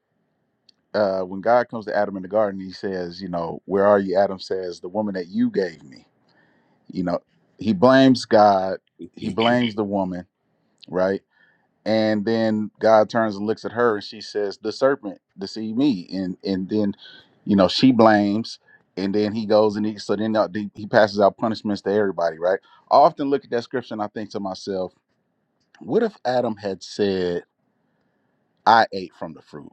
Speaker 6: Uh, when God comes to Adam in the garden, he says, You know, where are you? Adam says, The woman that you gave me. You know, he blames God, he blames the woman, right? and then God turns and looks at her and she says, "The serpent deceived me," and and then, you know, she blames, and then he goes and he so then uh, the- he passes out punishments to everybody, right? I often look at that scripture and I think to myself, what if Adam had said, "I ate from the fruit,"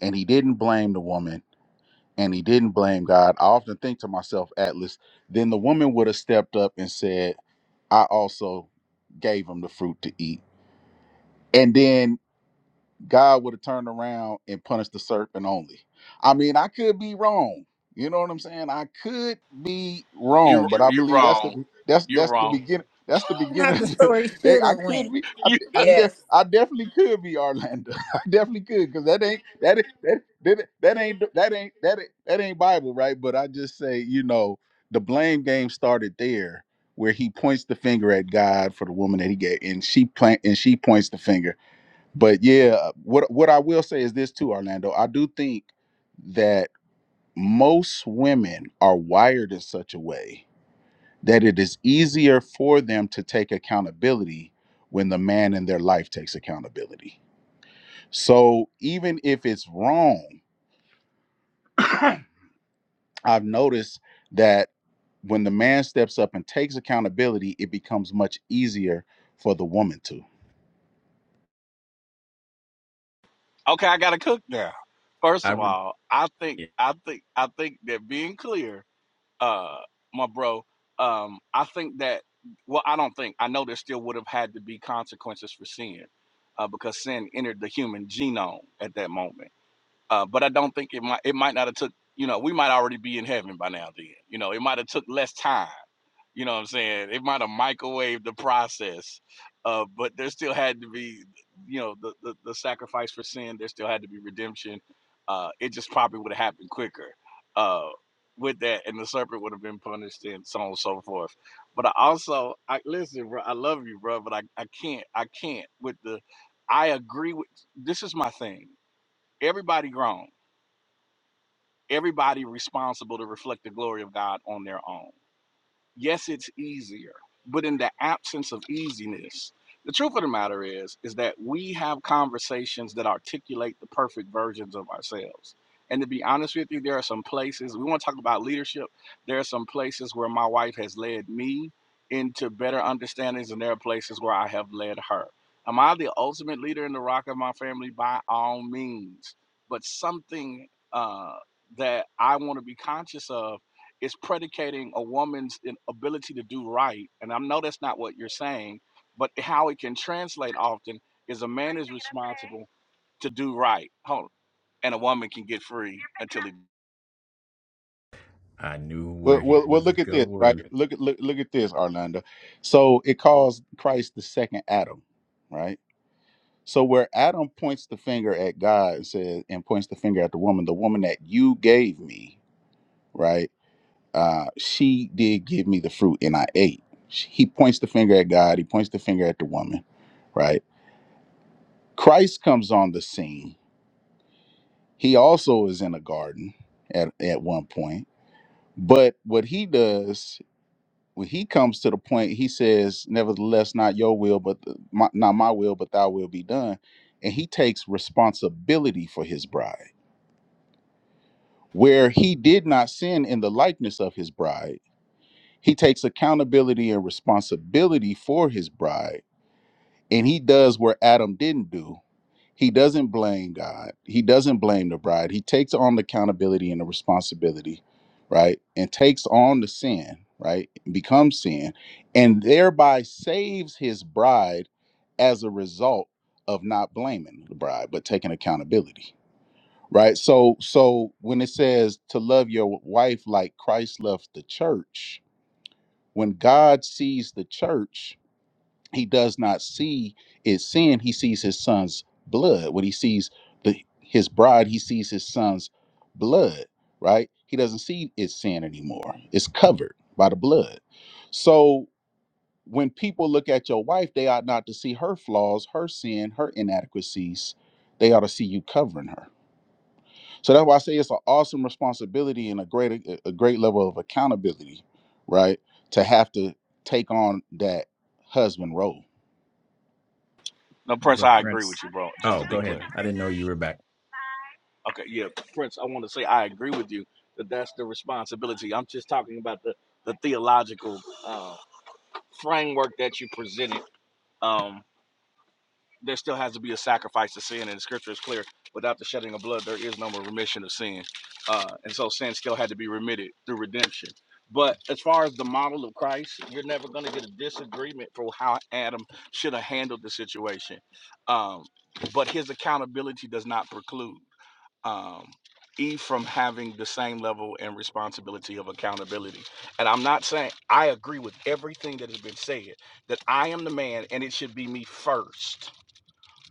Speaker 6: and he didn't blame the woman. And he didn't blame God. I often think to myself, Atlas, then the woman would have stepped up and said, I also gave him the fruit to eat. And then God would have turned around and punished the serpent only. I mean, I could be wrong. You know what I'm saying? I could be wrong,
Speaker 3: You
Speaker 6: but I
Speaker 3: you are
Speaker 6: believe that's
Speaker 3: wrong.
Speaker 6: the that's
Speaker 3: You're
Speaker 6: that's the
Speaker 3: wrong.
Speaker 6: beginning. That's the
Speaker 1: how
Speaker 6: beginning. Of
Speaker 1: the
Speaker 6: the,
Speaker 1: story
Speaker 6: they,
Speaker 1: should
Speaker 6: I
Speaker 1: have went
Speaker 6: could be. I
Speaker 3: You
Speaker 6: I, def,
Speaker 1: Yes.
Speaker 6: I definitely could be Orlando. I definitely could because that ain't that ain't- that that that ain't that ain't that ain't, that ain't Bible, right? But I just say, you know, the blame game started there, where he points the finger at God for the woman that he gave, and she plant and she points the finger but yeah, uh, what what I will say is this too, Orlando. I do think that most women are wired in such a way that it is easier for them to take accountability when the man in their life takes accountability. So even if it's wrong, I've noticed that when the man steps up and takes accountability, it becomes much easier for the woman to.
Speaker 3: okay? I gotta cook now. First
Speaker 5: I
Speaker 3: of
Speaker 5: would.
Speaker 3: all, I think
Speaker 5: yeah,
Speaker 3: I think I think that being clear uh my bro um i think that well i don't think i know there still would have had to be consequences for sin uh, because sin entered the human genome at that moment uh but i don't think it might it might not have took you know we might already be in heaven by now then you know it might have took less time you know what I'm saying? They might have microwaved the process, uh, but there still had to be, you know, the, the, the sacrifice for sin. There still had to be redemption. Uh, it just probably would have happened quicker uh, with that, and the serpent would have been punished and so on and so forth. But I also, I listen, bro, I love you, bro, but I, I can't, I can't with the, I agree with, this is my thing. Everybody grown, everybody responsible to reflect the glory of God on their own yes it's easier but in the absence of easiness the truth of the matter is is that we have conversations that articulate the perfect versions of ourselves and to be honest with you there are some places we want to talk about leadership there are some places where my wife has led me into better understandings and there are places where i have led her am i the ultimate leader in the rock of my family by all means but something uh, that i want to be conscious of is predicating a woman's in- ability to do right. And I know that's not what you're saying, but how it can translate often is a man is responsible to do right. Hold on. And a woman can get free until he.
Speaker 5: I knew
Speaker 6: Well,
Speaker 5: where he
Speaker 6: well, well,
Speaker 5: was
Speaker 6: look at this, right?
Speaker 5: going.
Speaker 6: Look at look, look at this, Orlando. So it calls Christ the second Adam, right? So where Adam points the finger at God and says, and points the finger at the woman, the woman that you gave me, right? Uh, she did give me the fruit, and I ate. She- He points the finger at God. He points the finger at the woman, right? Christ comes on the scene. He also is in a garden at at one point, but what he does when he comes to the point, he says, "Nevertheless, not your will, but th- my, not my will, but thy will be done." And he takes responsibility for his bride, where he did not sin in the likeness of his bride. He takes accountability and responsibility for his bride, and he does where Adam didn't do. He doesn't blame God. He doesn't blame the bride. He takes on the accountability and the responsibility, right? And takes on the sin, right? Becomes sin and thereby saves his bride as a result of not blaming the bride but taking accountability. Right? So so when it says to love your wife like Christ loved the church, when God sees the church, he does not see is sin he sees his son's blood when he sees the his bride he sees his son's blood right he doesn't see it's sin anymore it's covered by the blood so when people look at your wife they ought not to see her flaws her sin her inadequacies they ought to see you covering her so that's why i say it's an awesome responsibility and a great a a great level of accountability right to have to take on that husband role
Speaker 3: No, Prince,
Speaker 5: But
Speaker 3: I agree with
Speaker 5: Prince,
Speaker 3: you, bro, just
Speaker 5: oh,
Speaker 3: to
Speaker 5: go
Speaker 3: be
Speaker 5: ahead.
Speaker 3: clear.
Speaker 5: I didn't know you were back.
Speaker 3: Okay, yeah, Prince, I want to say I agree with you that that's the responsibility. I'm just talking about the, the theological uh, framework that you presented. Um, there still has to be a sacrifice to sin, and the scripture is clear. Without the shedding of blood, there is no more remission of sin. Uh, and so sin still had to be remitted through redemption. But as far as the model of Christ, you're never going to get a disagreement for how Adam should have handled the situation. Um, but his accountability does not preclude um, Eve from having the same level and responsibility of accountability. And I'm not saying I agree with everything that has been said, that I am the man and it should be me first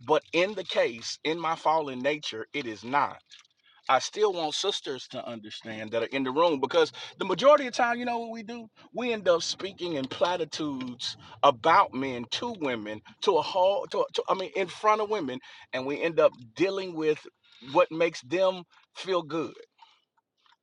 Speaker 3: but in the case, in my fallen nature, it is not. I still want sisters to understand that are in the room because the majority of the time, you know what we do? We end up speaking in platitudes about men to women, to a whole, to, to I mean, in front of women, and we end up dealing with what makes them feel good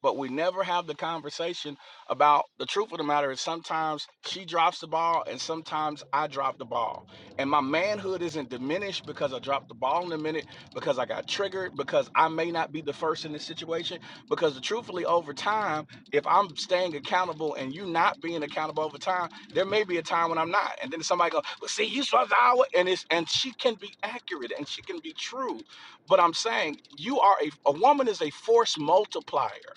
Speaker 3: but we never have the conversation about the truth of the matter is sometimes she drops the ball and sometimes I drop the ball. And my manhood isn't diminished because I dropped the ball in a minute, because I got triggered, because I may not be the first in this situation. Because truthfully, over time, if I'm staying accountable and you not being accountable over time, there may be a time when I'm not. And then somebody goes, Well, see, you supposed the hour, and it's and she can be accurate and she can be true. But I'm saying you are a a woman is a force multiplier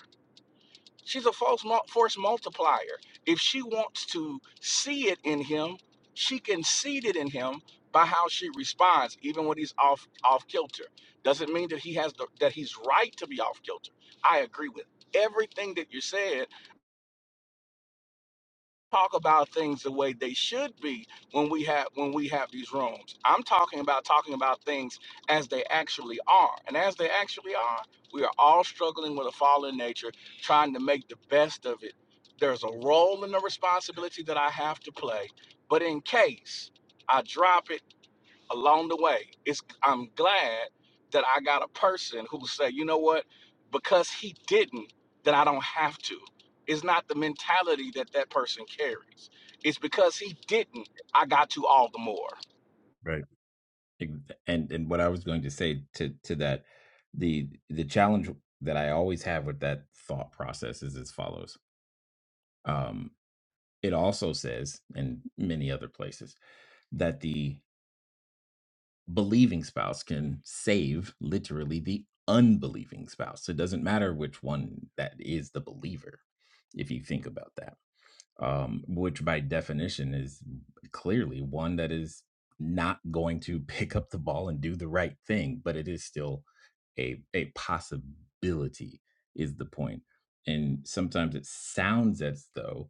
Speaker 3: She's a false force multiplier. If she wants to see it in him, she can see it in him by how she responds, even when he's off off kilter. Doesn't mean that he has the, that he's right to be off kilter. I agree with everything that you said talk about things the way they should be when we have when we have these rooms. I'm talking about talking about things as they actually are. And as they actually are, we are all struggling with a fallen nature, trying to make the best of it. There's a role and a responsibility that I have to play. But in case I drop it along the way. It's I'm glad that I got a person who say, you know what, because he didn't, then I don't have to. It's not the mentality that that person carries. It's because he didn't, I got to all the more.
Speaker 5: Right. And and what I was going to say to to that, the the challenge that I always have with that thought process is as follows. Um, it also says, in many other places, that the believing spouse can save literally the unbelieving spouse. So It doesn't matter which one that is the believer, if you think about that. um, which by definition is clearly one that is not going to pick up the ball and do the right thing, but it is still a a possibility is the point. And sometimes it sounds as though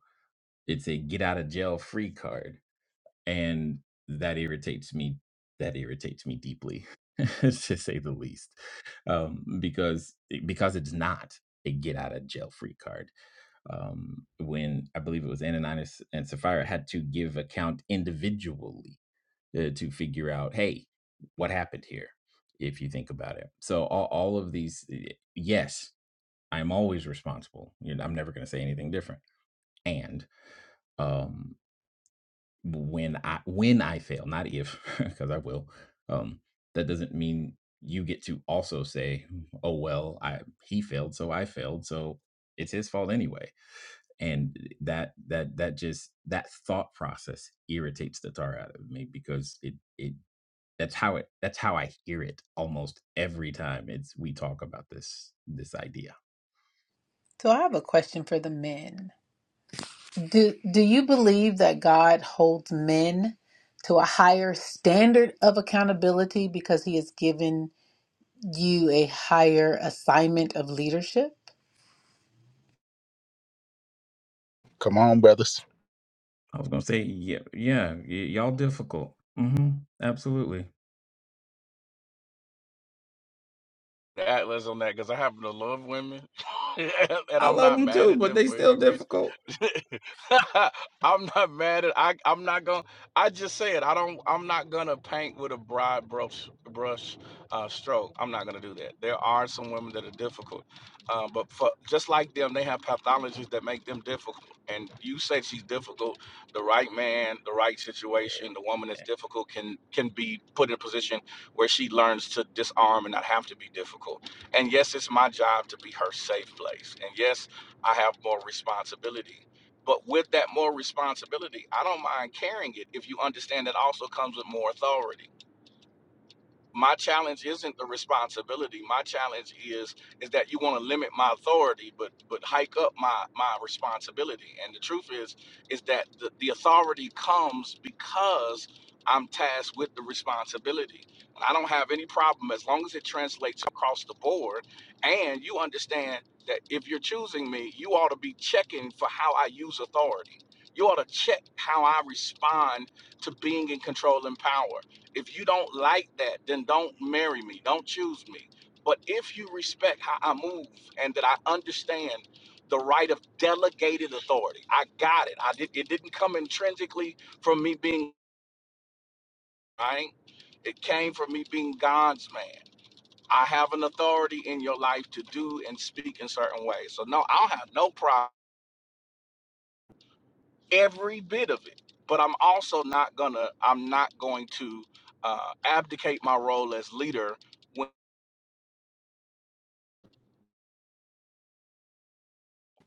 Speaker 5: it's a get out of jail free card, and that irritates me. That irritates me deeply, to say the least, um, because because it's not a get out of jail free card um, when I believe it was Ananias and Sapphira had to give account individually uh, to figure out, hey, what happened here? If you think about it, so all, all of these, yes, I'm always responsible. You know, I'm never going to say anything different. And um, when I when I fail, not if, because I will, um, that doesn't mean you get to also say, oh well, I he failed, so I failed, so it's his fault anyway and that that that just that thought process irritates the tar out of me because it it that's how it that's how I hear it almost every time it's we talk about this this idea.
Speaker 1: So I have a question for the men. Do do you believe that God holds men to a higher standard of accountability because he has given you a higher assignment of leadership?
Speaker 6: Come on, brothers.
Speaker 5: I was gonna say yeah yeah y- y'all difficult. hmm Absolutely.
Speaker 3: The Atlas on that because I happen to love women, and
Speaker 5: I
Speaker 3: I'm
Speaker 5: love
Speaker 3: not
Speaker 5: them
Speaker 3: mad
Speaker 5: too,
Speaker 3: at
Speaker 5: but
Speaker 3: them
Speaker 5: they
Speaker 3: for any
Speaker 5: still
Speaker 3: reason.
Speaker 5: difficult.
Speaker 3: I'm not mad at I I'm not gonna I just said I don't I'm not gonna paint with a broad brush brush uh stroke. I'm not gonna do that. There are some women that are difficult. Uh, but for just like them, they have pathologies that make them difficult. And you said she's difficult, the right man, the right situation, the woman that's difficult can can be put in a position where she learns to disarm and not have to be difficult. And yes, it's my job to be her safe place. And yes, I have more responsibility but with that more responsibility, I don't mind carrying it if you understand that also comes with more authority my challenge isn't the responsibility my challenge is is that you want to limit my authority but but hike up my my responsibility and the truth is is that the, the authority comes because i'm tasked with the responsibility and i don't have any problem as long as it translates across the board and you understand that if you're choosing me you ought to be checking for how i use authority you ought to check how i respond to being in control and power if you don't like that, then don't marry me. Don't choose me. But if you respect how I move and that I understand the right of delegated authority, I got it. I did. It didn't come intrinsically from me being right. It came from me being God's man. I have an authority in your life to do and speak in certain ways. So no, I'll have no problem every bit of it. But I'm also not gonna. I'm not going to uh, abdicate my role as leader when.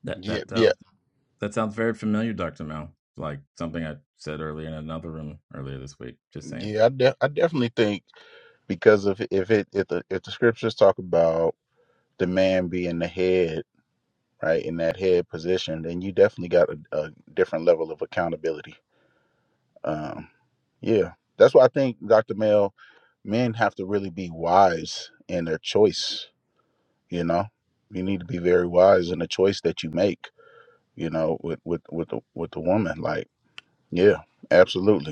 Speaker 5: That
Speaker 6: Yeah,
Speaker 5: that
Speaker 6: yeah,
Speaker 5: sounds that sounds very familiar, Doctor Mel. Like something I said earlier in another room earlier this week. Just saying.
Speaker 6: yeah. I, de- I definitely think because if if it if the if the scriptures talk about the man being the head, right, in that head position, then you definitely got a, a different level of accountability. Um, yeah, that's why I think Dr. Mel, men have to really be wise in their choice. You know, you need to be very wise in the choice that you make. You know, with with with the, with the woman, like yeah, absolutely.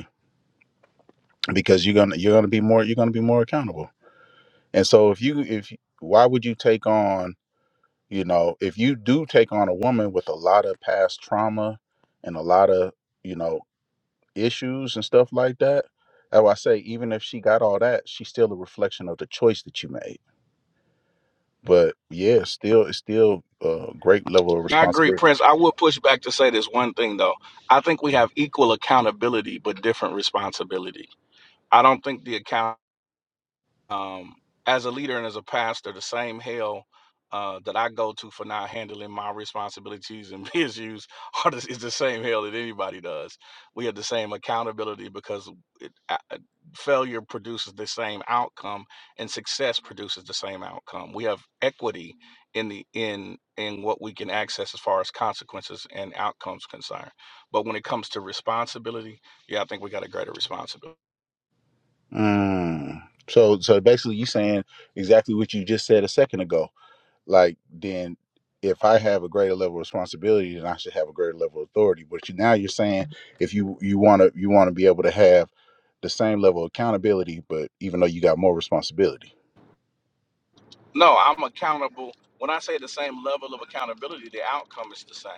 Speaker 6: because you're gonna you're gonna be more you're gonna be more accountable. And so if you if why would you take on you know if you do take on a woman with a lot of past trauma and a lot of you know issues and stuff like that, that's why I say even if she got all that, she's still a reflection of the choice that you made. But yeah, it's still it's still a great level of
Speaker 3: I agree,
Speaker 6: responsibility.
Speaker 3: Prince. I will push back to say this one thing though. I think we have equal accountability but different responsibility. I don't think the account um, as a leader and as a pastor, the same hell uh, that I go to for not handling my responsibilities and issues are the, is the same hell that anybody does. We have the same accountability because it, uh, uh, failure produces the same outcome, and success produces the same outcome. We have equity in the in in what we can access as far as consequences and outcomes concerned. But when it comes to responsibility, yeah, I think we got a greater responsibility.
Speaker 6: Mm. So so basically, you saying exactly what you just said a second ago like then if I have a greater level of responsibility, then I should have a greater level of authority. But you, now you're saying if you you want to you want to be able to have the same level of accountability, but even though you got more responsibility.
Speaker 3: No, I'm accountable. When I say the same level of accountability, the outcome is the same.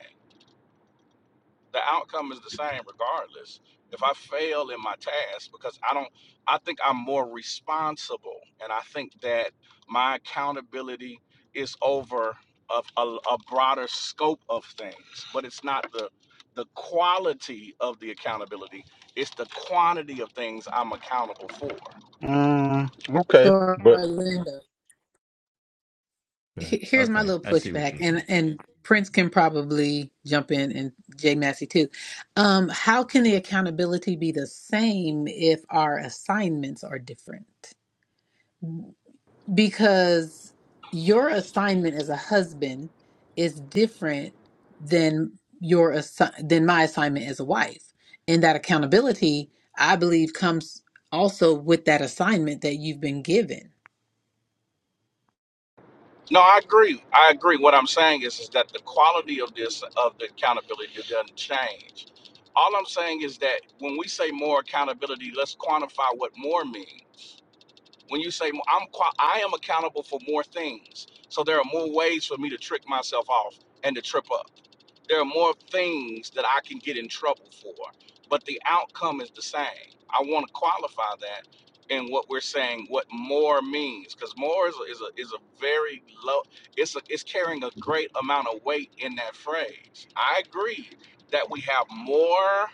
Speaker 3: The outcome is the same regardless. If I fail in my task, because I don't, I think I'm more responsible. And I think that my accountability is over of a, a broader scope of things, but it's not the, the quality of the accountability, it's the quantity of things I'm accountable for.
Speaker 6: Mm, okay,
Speaker 1: For
Speaker 6: but
Speaker 1: Linda.
Speaker 5: Okay,
Speaker 1: he- Here's my
Speaker 5: okay,
Speaker 1: little
Speaker 5: I see what
Speaker 1: pushback
Speaker 5: you.
Speaker 1: and and Prince can probably jump in and Jay Massey too. Um, how can the accountability be the same if our assignments are different? because your assignment as a husband is different than your assi- than my assignment as a wife and that accountability i believe comes also with that assignment that you've been given
Speaker 3: No, I agree. I agree. What I'm saying is, is that the quality of this of the accountability doesn't change. All I'm saying is that when we say more accountability, let's quantify what more means. When you say more, I'm qua- I am accountable for more things, so there are more ways for me to trick myself off and to trip up. There are more things that I can get in trouble for, but the outcome is the same. I want to qualify that in what we're saying, what more means, because more is a, is a is a very low. It's a, it's carrying a great amount of weight in that phrase. I agree that we have more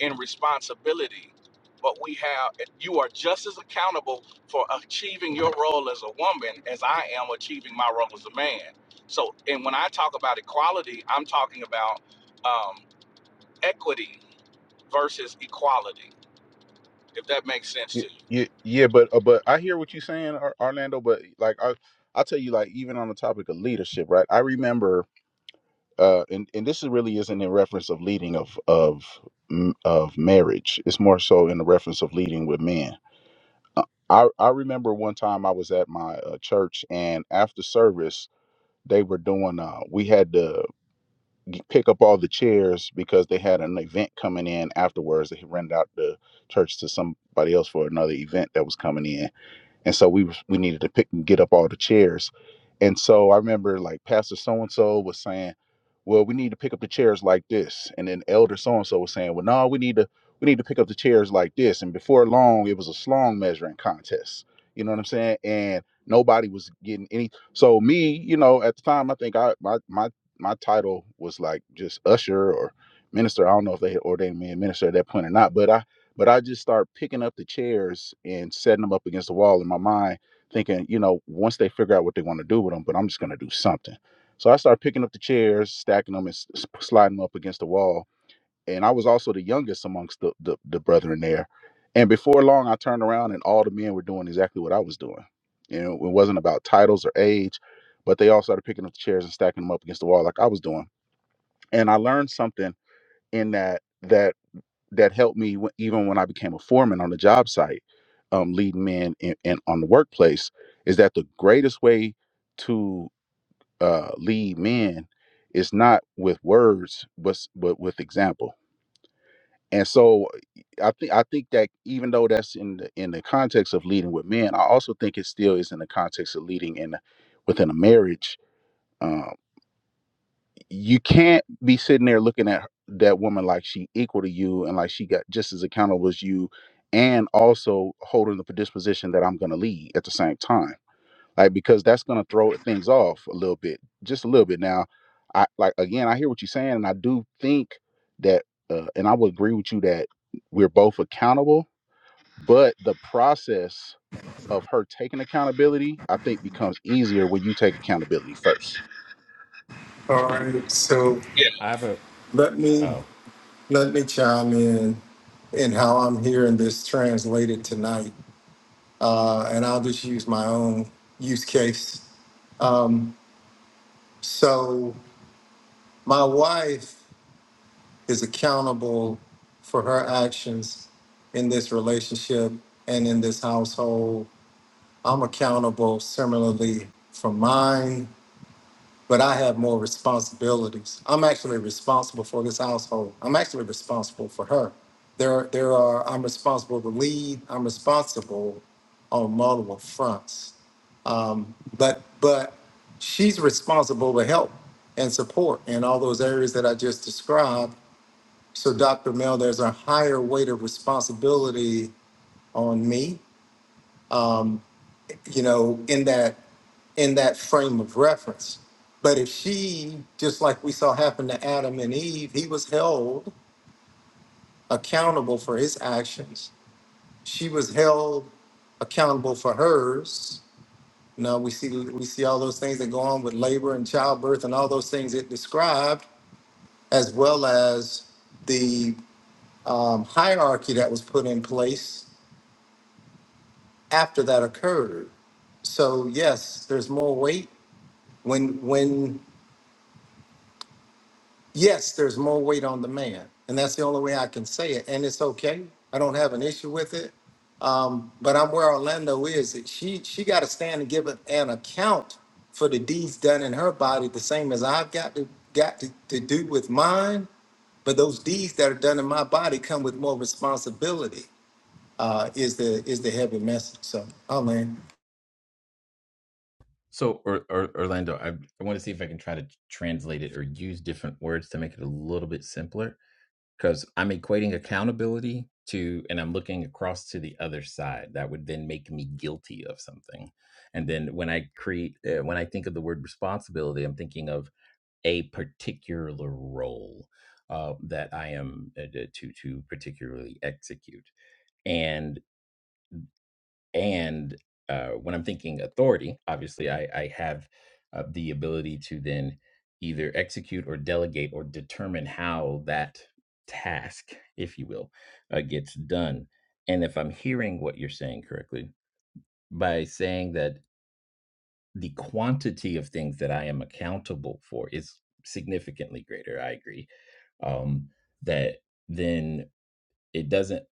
Speaker 3: and responsibility, but we have you are just as accountable for achieving your role as a woman as I am achieving my role as a man. So, and when I talk about equality, I'm talking about um, equity versus equality. If that makes sense to you.
Speaker 6: yeah, yeah, but uh, but I hear what you're saying, Ar- Orlando. But like I, I tell you, like even on the topic of leadership, right? I remember, uh, and and this is really isn't in reference of leading of of m- of marriage. It's more so in the reference of leading with men Uh, I I remember one time I was at my uh, church, and after service, they were doing. Uh, we had to pick up all the chairs because they had an event coming in afterwards. They rented out the church to somebody else for another event that was coming in and so we was- we needed to pick and get up all the chairs and so i remember like pastor so and so was saying well we need to pick up the chairs like this and then elder so and so was saying well no we need to we need to pick up the chairs like this and before long it was a slong measuring contest you know what i'm saying and nobody was getting any so me you know at the time i think i my my my title was like just usher or minister i don't know if they had ordained me a minister at that point or not but i but I just start picking up the chairs and setting them up against the wall in my mind, thinking, you know, once they figure out what they want to do with them, but I'm just going to do something. So I start picking up the chairs, stacking them, and s- s- sliding them up against the wall. And I was also the youngest amongst the, the the brethren there. And before long, I turned around and all the men were doing exactly what I was doing. You know, it wasn't about titles or age, but they all started picking up the chairs and stacking them up against the wall like I was doing. And I learned something in that that that helped me w- even when I became a foreman on the job site, um, leading men in, in, on the workplace, is that the greatest way to uh, lead men is not with words, but, s- but with example. And so, I think I think that even though that's in the in the context of leading with men, I also think it still is in the context of leading in within a marriage um, you can't be sitting there looking at that woman like she equal to you and like she got just as accountable as you and also holding the predisposition that i'm going to lead at the same time like because that's going to throw things off a little bit just a little bit now i like again i hear what you're saying and i do think that uh, and i would agree with you that we're both accountable but the process of her taking accountability, I think becomes easier when you take accountability first.
Speaker 4: All right, so
Speaker 3: Yeah.
Speaker 5: I have a
Speaker 4: let me
Speaker 5: oh.
Speaker 4: let me chime in in how I'm hearing this translated tonight. uh, and I'll just use my own use case. Um, so my wife is accountable for her actions in this relationship and in this household. I'm accountable similarly for mine. but I have more responsibilities. I'm actually responsible for this household. I'm actually responsible for her. There, there are. I'm responsible to lead. I'm responsible on multiple fronts. Um, but, but she's responsible to help and support in all those areas that I just described. So, Dr. Mel, there's a higher weight of responsibility on me you know, in that in that frame of reference. But if she, just like we saw happen to Adam and Eve, he was held accountable for his actions. She was held accountable for hers. You know, we see we see all those things that go on with labor and childbirth and all those things it described, as well as the um, hierarchy that was put in place after that occurred. So yes, there's more weight when when Yes, there's more weight on the man, and that's the only way I can say it. And it's okay. I don't have an issue with it. Um, but I'm where Orlando is. That She she got to stand and give an account for the deeds done in her body, the same as I've got to got to, to do with mine. But those deeds that are done in my body come with more responsibility. Uh, is the is the heavy message. So, oh man,
Speaker 5: So or, or, Orlando, I, I want to see if I can try to translate it or use different words to make it a little bit simpler because I'm equating accountability to and I'm looking across to the other side. That would then make me guilty of something. And then when I create uh, when I think of the word responsibility, I'm thinking of a particular role uh, that I am uh, to to particularly execute. And and uh, when I'm thinking authority, obviously I, I have uh, the ability to then either execute or delegate or determine how that task, if you will, uh, gets done. And if I'm hearing what you're saying correctly, by saying that the quantity of things that I am accountable for is significantly greater. I agree. Um, that then it doesn't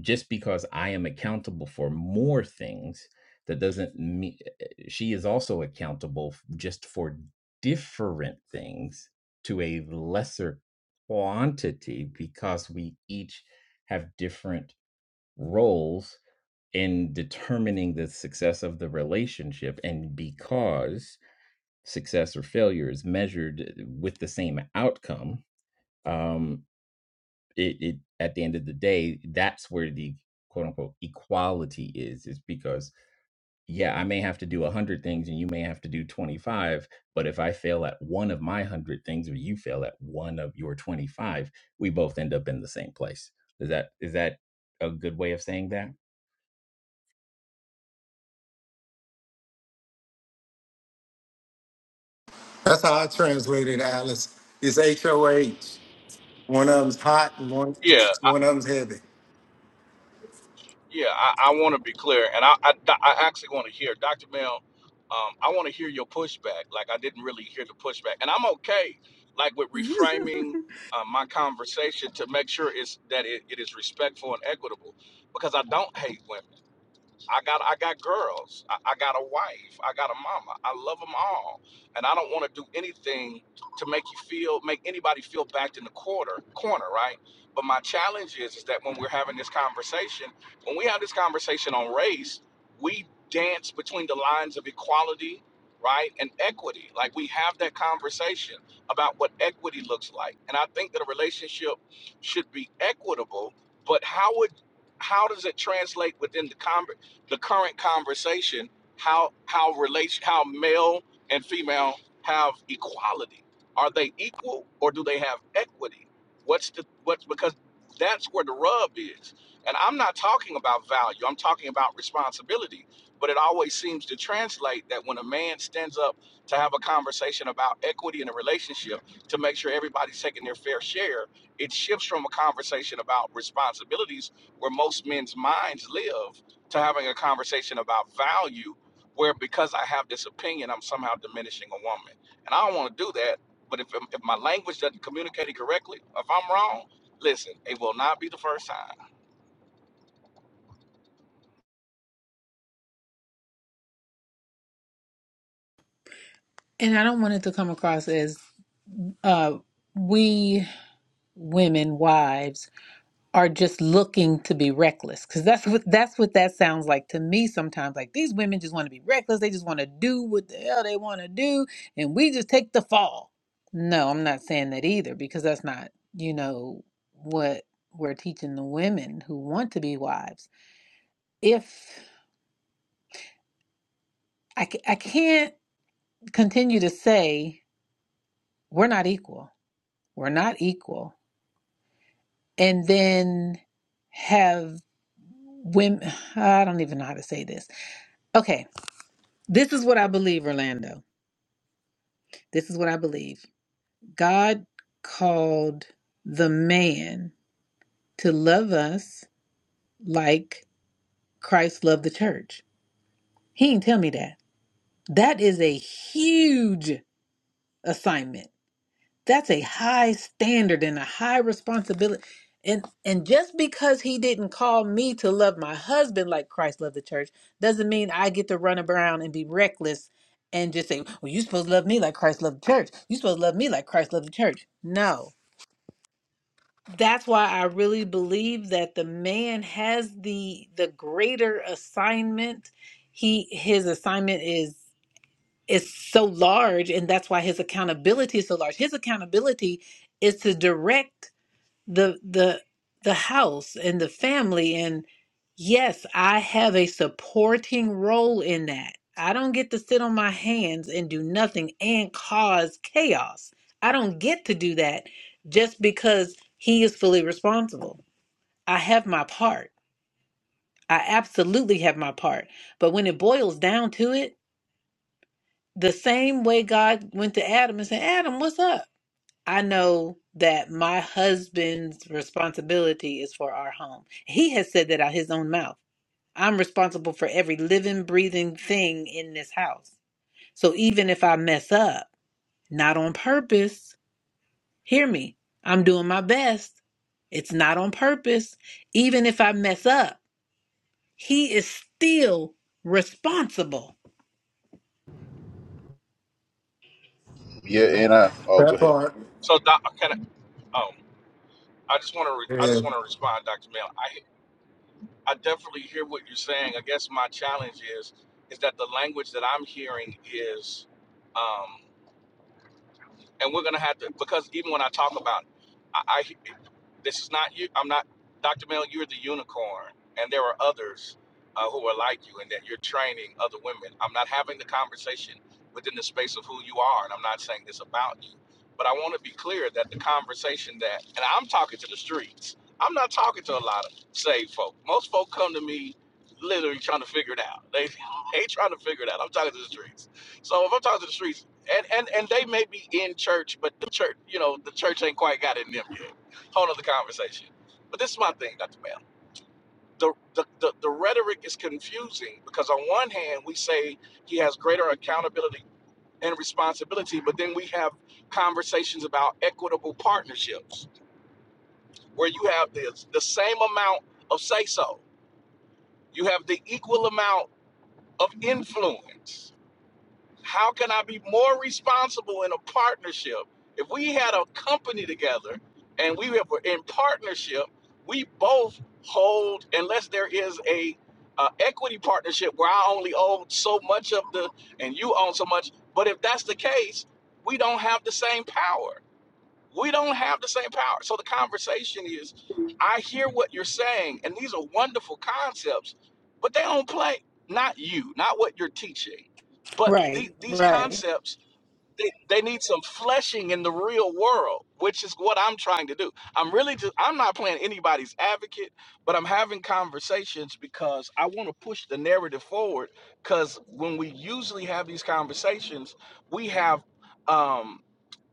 Speaker 5: just because I am accountable for more things, that doesn't mean she is also accountable f- just for different things to a lesser quantity because we each have different roles in determining the success of the relationship and because success or failure is measured uh, with the same outcome, um, it, it at the end of the day, that's where the quote unquote equality is, is because yeah, I may have to do a hundred things and you may have to do twenty-five, but if I fail at one of my one hundred things or you fail at one of your twenty-five, we both end up in the same place. Is that is that a good way of saying that?
Speaker 4: that's how I translate it, Alice. It's H O H. One of them's hot and one
Speaker 3: yeah.
Speaker 4: one of them's heavy.
Speaker 3: Yeah, I, I want to be clear, and I, I, I actually want to hear Dr. Mel. Um, I want to hear your pushback. Like I didn't really hear the pushback, and I'm okay, like with
Speaker 1: and
Speaker 3: reframing uh, my conversation to make sure it's that it, it is respectful and equitable, because I don't hate women. I got I got girls. I, I got a wife. I got a mama. I love them all, and I don't want to do anything to make you feel make anybody feel backed in the quarter corner, right? But my challenge is is that when we're having this conversation, when we have this conversation on race, we dance between the lines of equality, right, and equity. Like we have that conversation about what equity looks like, and I think that a relationship should be equitable. But how would how does it translate within the conversation? the current conversation how how relation how male and female have equality are they equal or do they have equity what's the what's because that's where the rub is and i'm not talking about value i'm talking about responsibility but it always seems to translate that when a man stands up to have a conversation about equity in a relationship to make sure everybody's taking their fair share it shifts from a conversation about responsibilities where most men's minds live to having a conversation about value where because I have this opinion, I'm somehow diminishing a woman. And I don't want to do that. But if, if my language doesn't communicate it correctly, if I'm wrong, listen, it will not be the first time.
Speaker 1: i don't want it to come across as uh we women wives are just looking to be reckless because that's what that's what that sounds like to me sometimes like these women just want to be reckless they just want to do what the hell they want to do and we just take the fall no i'm not saying that either because that's not you know what we're teaching the women who want to be wives if i, ca- I can't continue to say we're not equal we're not equal and then have women i don't even know how to say this Okay, This is what I believe, Orlando. This is what I believe. God called the man to love us like Christ loved the church. He didn't tell me that. That is a huge assignment. That's a high standard and a high responsibility. And and just because he didn't call me to love my husband like Christ loved the church doesn't mean I get to run around and be reckless and just say, "Well, you supposed to love me like Christ loved the church. You supposed to love me like Christ loved the church." No. That's why I really believe that the man has the the greater assignment. He his assignment is is so large and that's why his accountability is so large his accountability is to direct the the the house and the family and yes i have a supporting role in that i don't get to sit on my hands and do nothing and cause chaos i don't get to do that just because he is fully responsible i have my part i absolutely have my part but when it boils down to it the same way God went to Adam and said, Adam, what's up? I know that my husband's responsibility is for our home. He has said that out his own mouth. I'm responsible for every living, breathing thing in this house. So even if I mess up, not on purpose, hear me, I'm doing my best. It's not on purpose. Even if I mess up, he is still responsible.
Speaker 6: Yeah, and I oh go
Speaker 4: That
Speaker 6: ahead.
Speaker 4: part.
Speaker 3: So, doc, can I, um, I just want to re- I just
Speaker 4: Yeah.
Speaker 3: want to respond, Dr. Mel. I I definitely hear what you're saying. I guess my challenge is is that the language that I'm hearing is um. and we're gonna have to because even when I talk about, it, I, I this is not you. I'm not Dr. Mel. You're the unicorn, and there are others uh, who are like you, and that you're training other women. I'm not having the conversation within the space of who you are, and I'm not saying this about you, but I want to be clear that the conversation that, and I'm talking to the streets. I'm not talking to a lot of saved folk. Most folk come to me literally trying to figure it out. They they trying to figure it out. I'm talking to the streets. So if I'm talking to the streets and and and they may be in church, but the church, you know, the church ain't quite got in them yet. Whole other conversation. But this is my thing, Dr. Bell. The, the, the, the rhetoric is confusing because on one hand we say he has greater accountability and responsibility, but then we have conversations about equitable partnerships where you have this the same amount of say so. You have the equal amount of influence How can I be more responsible in a partnership? If we had a company together and we were in partnership, we both hold, unless there is a uh, equity partnership where I only own so much of the and you own so much. But if that's the case, we don't have the same power. We don't have the same power. So the conversation is I hear what you're saying, and these are wonderful concepts, but they don't play. Not you, not what you're teaching, but the,
Speaker 1: Right,
Speaker 3: these
Speaker 1: right.
Speaker 3: concepts, they, they need some fleshing in the real world, which is what I'm trying to do. I'm really just, I'm not playing anybody's advocate, but I'm having conversations because I want to push the narrative forward. Because when we usually have these conversations, we have. Um,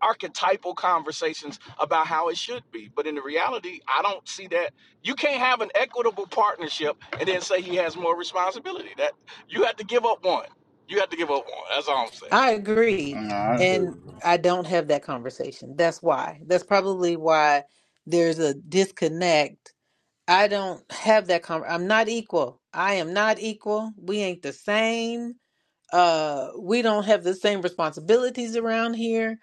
Speaker 3: archetypal conversations about how it should be. But in the reality, I don't see that. You can't have an equitable partnership and then say he has more responsibility. That you have to give up one. You have to give up one. That's all I'm saying.
Speaker 1: I agree.
Speaker 6: No, I agree.
Speaker 1: And I don't have that conversation. That's why. That's probably why there's a disconnect. I don't have that con I'm not equal. I am not equal. We ain't the same. Uh we don't have the same responsibilities around here.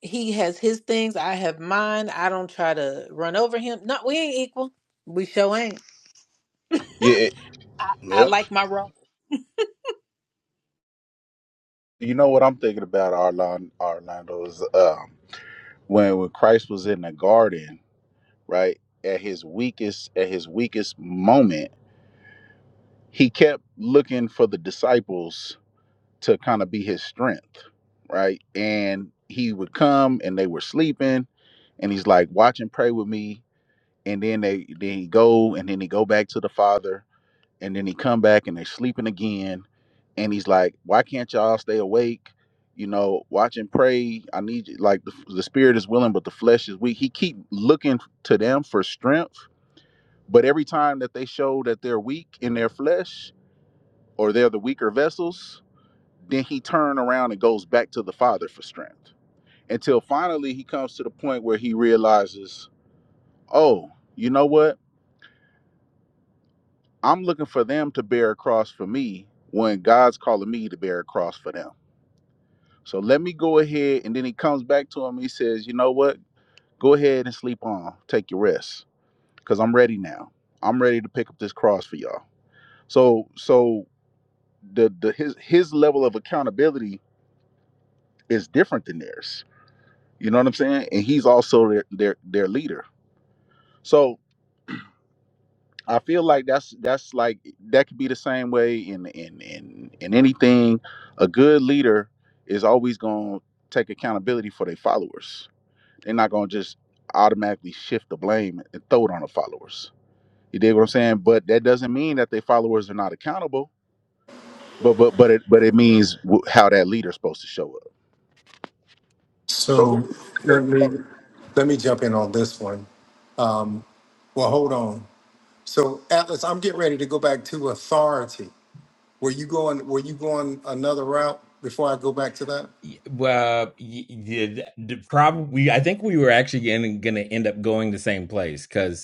Speaker 1: He has his things, I have mine. I don't try to run over him. No, we ain't equal. We sure ain't.
Speaker 6: Yeah, it-
Speaker 1: I, I
Speaker 6: yeah.
Speaker 1: like my role.
Speaker 6: You know what I'm thinking about, Orlando, Orlando is um, when when Christ was in the garden. right? At his weakest, at his weakest moment, he kept looking for the disciples to kind of be his strength, right? And he would come and they were sleeping and he's like, watch and pray with me. And then they then he go and then he go back to the father and then he come back and they are sleeping again. And he's like, why can't y'all stay awake? You know, watch and pray. I need you. Like the, the spirit is willing, but the flesh is weak. He keep looking to them for strength but every time that they show that they're weak in their flesh or they're the weaker vessels, then he turns around and goes back to the Father for strength until finally he comes to the point where he realizes, oh, you know what? I'm looking for them to bear a cross for me when God's calling me to bear a cross for them. So let me go ahead. And then he comes back to him. He says, you know what? Go ahead and sleep on. Take your rest because I'm ready now. I'm ready to pick up this cross for y'all. So, so the the his his level of accountability is different than theirs. You know what I'm saying? And he's also their their, their leader. So I feel like that's that's like that could be the same way in in in in anything. A good leader is always going to take accountability for their followers. They're not going to just automatically shift the blame and throw it on the followers. You dig what I'm saying? But that doesn't mean that their followers are not accountable. But but but it but it means wh- how that leader's supposed to show up.
Speaker 3: So who?
Speaker 4: So let me let me jump in on this one. Um, well, hold on. So Atlas, I'm getting ready to go back to authority. Were you going? Were you going another route before I go back to that?
Speaker 5: Well, y- y- the, probably I think we were actually going to end up going the same place because.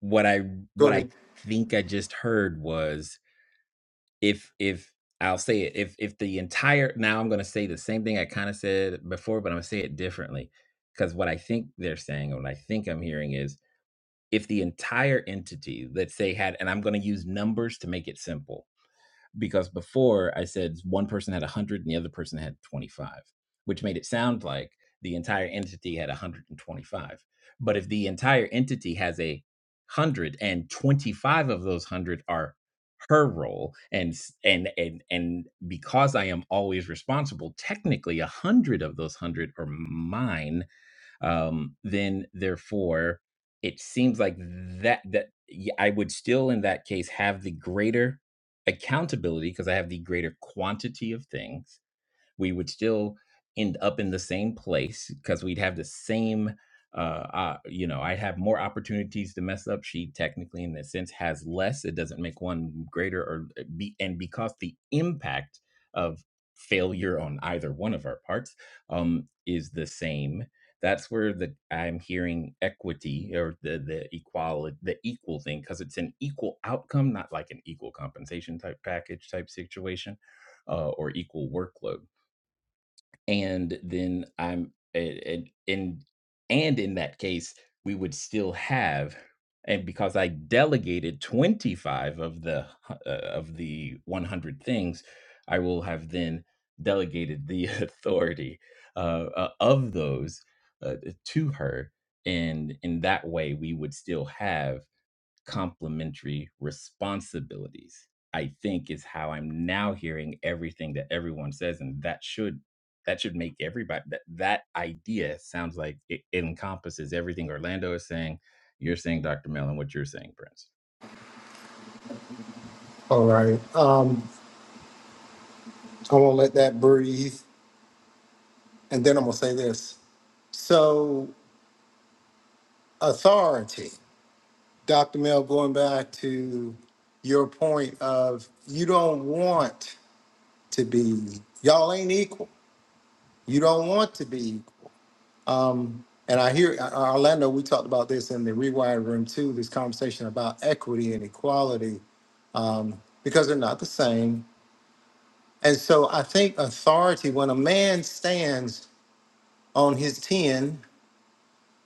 Speaker 5: what I
Speaker 4: Go
Speaker 5: what I
Speaker 4: ahead.
Speaker 5: think I just heard was if if I'll say it if if the entire now I'm going to say the same thing I kind of said before, but I'm going to say it differently because what I think they're saying or what I think I'm hearing is if the entire entity let's say had and I'm going to use numbers to make it simple because before I said one person had 100 and the other person had 25, which made it sound like the entire entity had 125. But if the entire entity has a hundred and twenty five of those 100 are her role and and and and because I am always responsible, technically 100 of those 100 are mine um, then therefore it seems like that that I would still in that case have the greater accountability because I have the greater quantity of things we would still end up in the same place because we'd have the same uh, uh you know i would have more opportunities to mess up she technically in this sense has less it doesn't make one greater or eh, be and because the impact of failure on either one of our parts um is the same that's where the i'm hearing equity or the the equality the equal thing because it's an equal outcome not like an equal compensation type package type situation uh, or equal workload and then I'm and and and and in that case, we would still have and because I delegated 25 of the hu- uh, of the 100 things, I will have then delegated the authority uh, uh, of those uh, to her, and in that way, we would still have complementary responsibilities. I think is how I'm now hearing everything that everyone says, and that should that should make everybody that that idea sounds like it encompasses everything Orlando is saying. You're saying, Dr. Mel, and what you're saying, Prince.
Speaker 4: All right. Um, I'm gonna let that breathe, and then I'm gonna say this. So authority, Dr. Mel, going back to your point of you don't want to be y'all ain't equal You don't want to be. Um, and I hear uh, Orlando. We talked about this in the rewired room too. This conversation about equity and equality um, because they're not the same. And so I think authority. When a man stands on his ten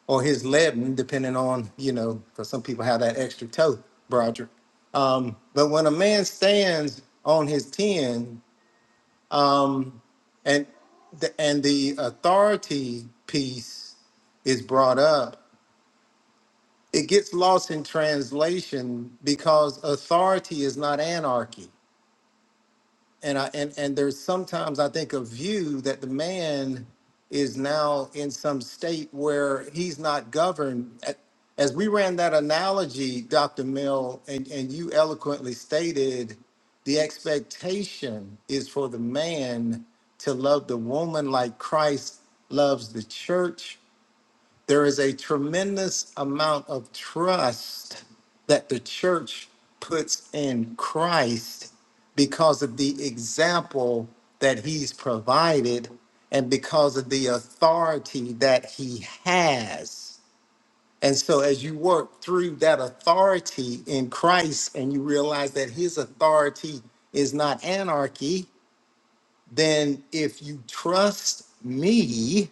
Speaker 4: or his eleven, depending on you know, because some people have that extra toe, Broderick. Um, but when a man stands on his ten and the, and the authority piece is brought up it gets lost in translation because authority is not anarchy and i and, and there's sometimes i think a view that the man is now in some state where he's not governed A- as we ran that analogy dr mill and, and you eloquently stated the expectation is for the man to love the woman like christ loves the church there is a tremendous amount of trust that the church puts in Christ because of the example that he's provided and because of the authority that he has. And so, as you work through that authority in Christ and you realize that his authority is not anarchy, then if you trust me,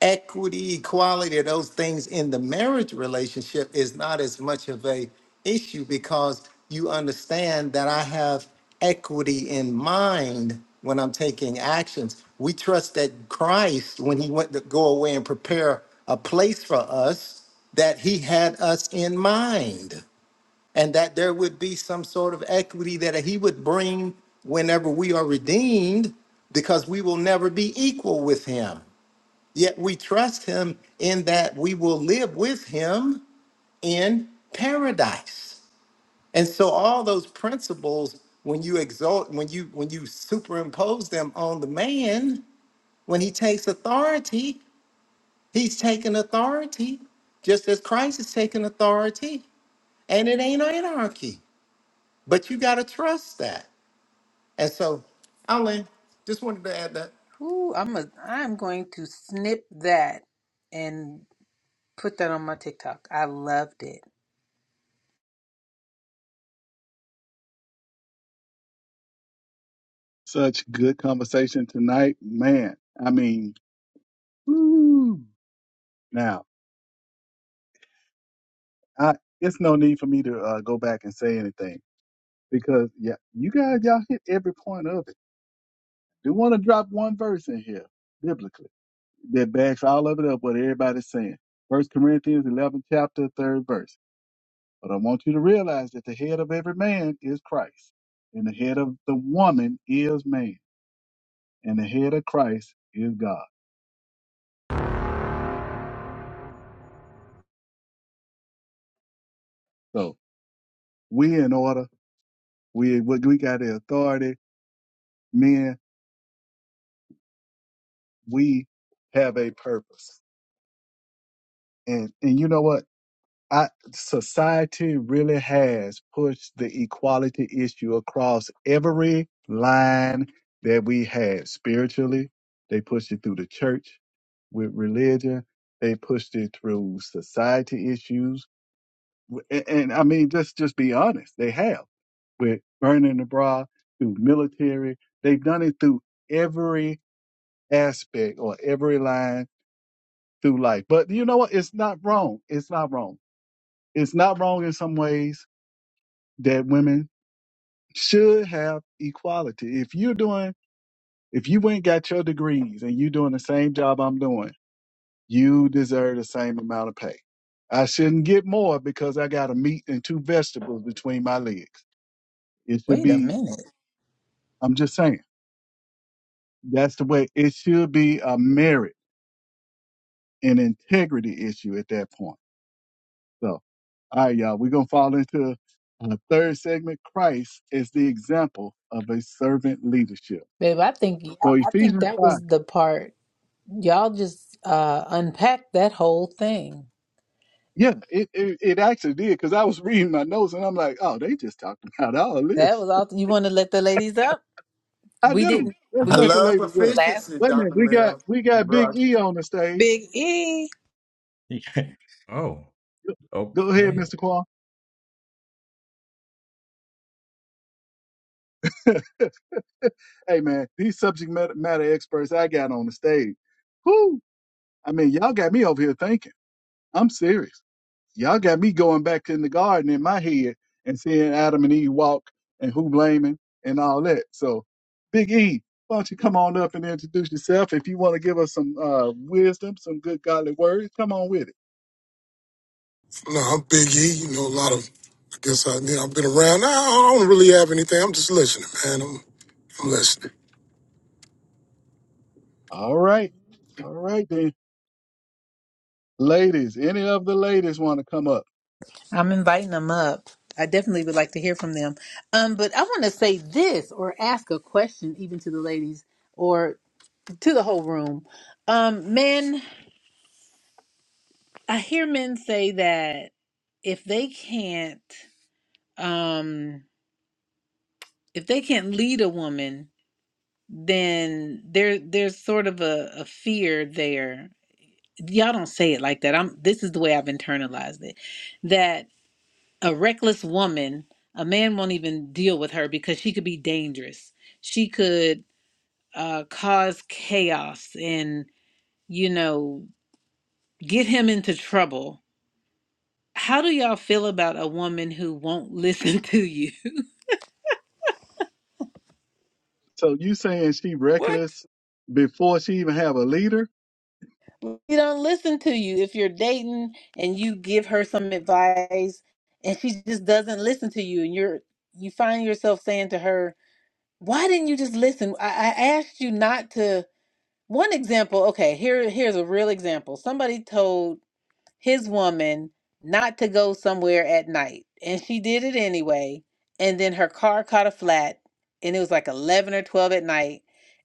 Speaker 4: equity, equality, those things in the marriage relationship is not as much of a issue because you understand that I have equity in mind when I'm taking actions. We trust that Christ, when he went to go away and prepare a place for us, that he had us in mind and that there would be some sort of equity that he would bring whenever we are redeemed because we will never be equal with him Yet we trust him in that we will live with him in paradise. And so all those principles, when you exalt, when you when you superimpose them on the man, when he takes authority, he's taking authority, just as Christ is taking authority, and it ain't anarchy. But you gotta trust that. And so, Alan, just wanted to add that.
Speaker 1: Ooh, I'm a I'm going to snip that. and. Put that on my TikTok. I loved it.
Speaker 2: Such good conversation tonight, man. I mean, woo. now I, it's no need for me to uh, go back and say anything because yeah, you guys y'all hit every point of it. Do want to drop one verse in here biblically that backs all of it up what everybody's saying. First Corinthians 11 chapter third verse. But I want you to realize that the head of every man is Christ, and the head of the woman is man, and the head of Christ is God. So we in order We we we got the authority, men. We have a purpose, and and you know what? I society really has pushed the equality issue across every line that we had spiritually. They pushed it through the church with religion. They pushed it through society issues, and, and I mean, just just be honest. They have with burning the bra through military. They've done it through every aspect or every line through life. But you know what? It's not wrong. It's not wrong. It's not wrong in some ways that women should have equality. If you're doing, if you ain't got your degrees and you doing the same job I'm doing, you deserve the same amount of pay. I shouldn't get more because I got a meat and two vegetables between my legs. It should
Speaker 1: Wait a
Speaker 2: be,
Speaker 1: minute.
Speaker 2: I'm just saying, that's the way it should be a merit and integrity issue at that point. So. All right, y'all. We're gonna fall into a third segment. Christ is the example of a servant leadership.
Speaker 1: Babe, I think
Speaker 2: So
Speaker 1: I I think
Speaker 2: Ephesians
Speaker 1: that
Speaker 2: five.
Speaker 1: was the part y'all just uh unpacked that whole thing.
Speaker 2: Yeah, it, it, it actually did because I was reading my notes and I'm like, oh, they just talked about all
Speaker 1: That
Speaker 2: this.
Speaker 1: was all you want to let the ladies up?
Speaker 2: I
Speaker 1: We
Speaker 2: do.
Speaker 1: didn't
Speaker 2: Let's
Speaker 1: we
Speaker 4: I
Speaker 2: let
Speaker 1: didn't
Speaker 2: the
Speaker 4: love
Speaker 1: do
Speaker 2: ladies go.
Speaker 1: that last
Speaker 4: efficiency,
Speaker 2: Wait a minute,
Speaker 4: Dr.
Speaker 2: we got
Speaker 4: Mel
Speaker 2: we
Speaker 4: and
Speaker 2: got Big
Speaker 4: Brock.
Speaker 2: E on the stage.
Speaker 1: week. Big E.
Speaker 5: Oh,
Speaker 2: Go ahead,
Speaker 5: okay.
Speaker 2: Mr. Kwan. hey man, these subject matter, matter experts I got on the stage. Whoo! I mean, y'all got me over here thinking. I'm serious. Y'all got me going back in the garden in my head and seeing Adam and Eve walk and who blaming and all that. So, Big E, why don't you come on up and introduce yourself? If you want to give us some uh, wisdom, some good godly words, come on with it.
Speaker 7: No, I'm Big E. You know, a lot of, I guess I, you know, I've been around. I I don't really have anything. I'm just listening, man. I'm, I'm listening.
Speaker 2: All right. All right, then. Ladies, any of the ladies want to come up?
Speaker 1: I'm inviting them up. I definitely would like to hear from them. Um, but I want to say this or ask a question even to the ladies or to the whole room. Um, men, I hear men say that if they can't um if they can't lead a woman then there there's sort of a, a fear there y'all don't say it like that i'm this is the way i've internalized it that a reckless woman a man won't even deal with her because she could be dangerous she could uh cause chaos and you know get him into trouble how do y'all feel about a woman who won't listen to you
Speaker 2: So you saying she
Speaker 5: what?
Speaker 2: reckless before she even have a leader?
Speaker 1: She don't listen to you. If you're dating and you give her some advice and she just doesn't listen to you and you're you find yourself saying to her, Why didn't you just listen? I, I asked you not to one example, okay, here here's a real example. Somebody told his woman not to go somewhere at night. And she did it anyway. And then her car caught a flat and it was like 11 or 12 at night.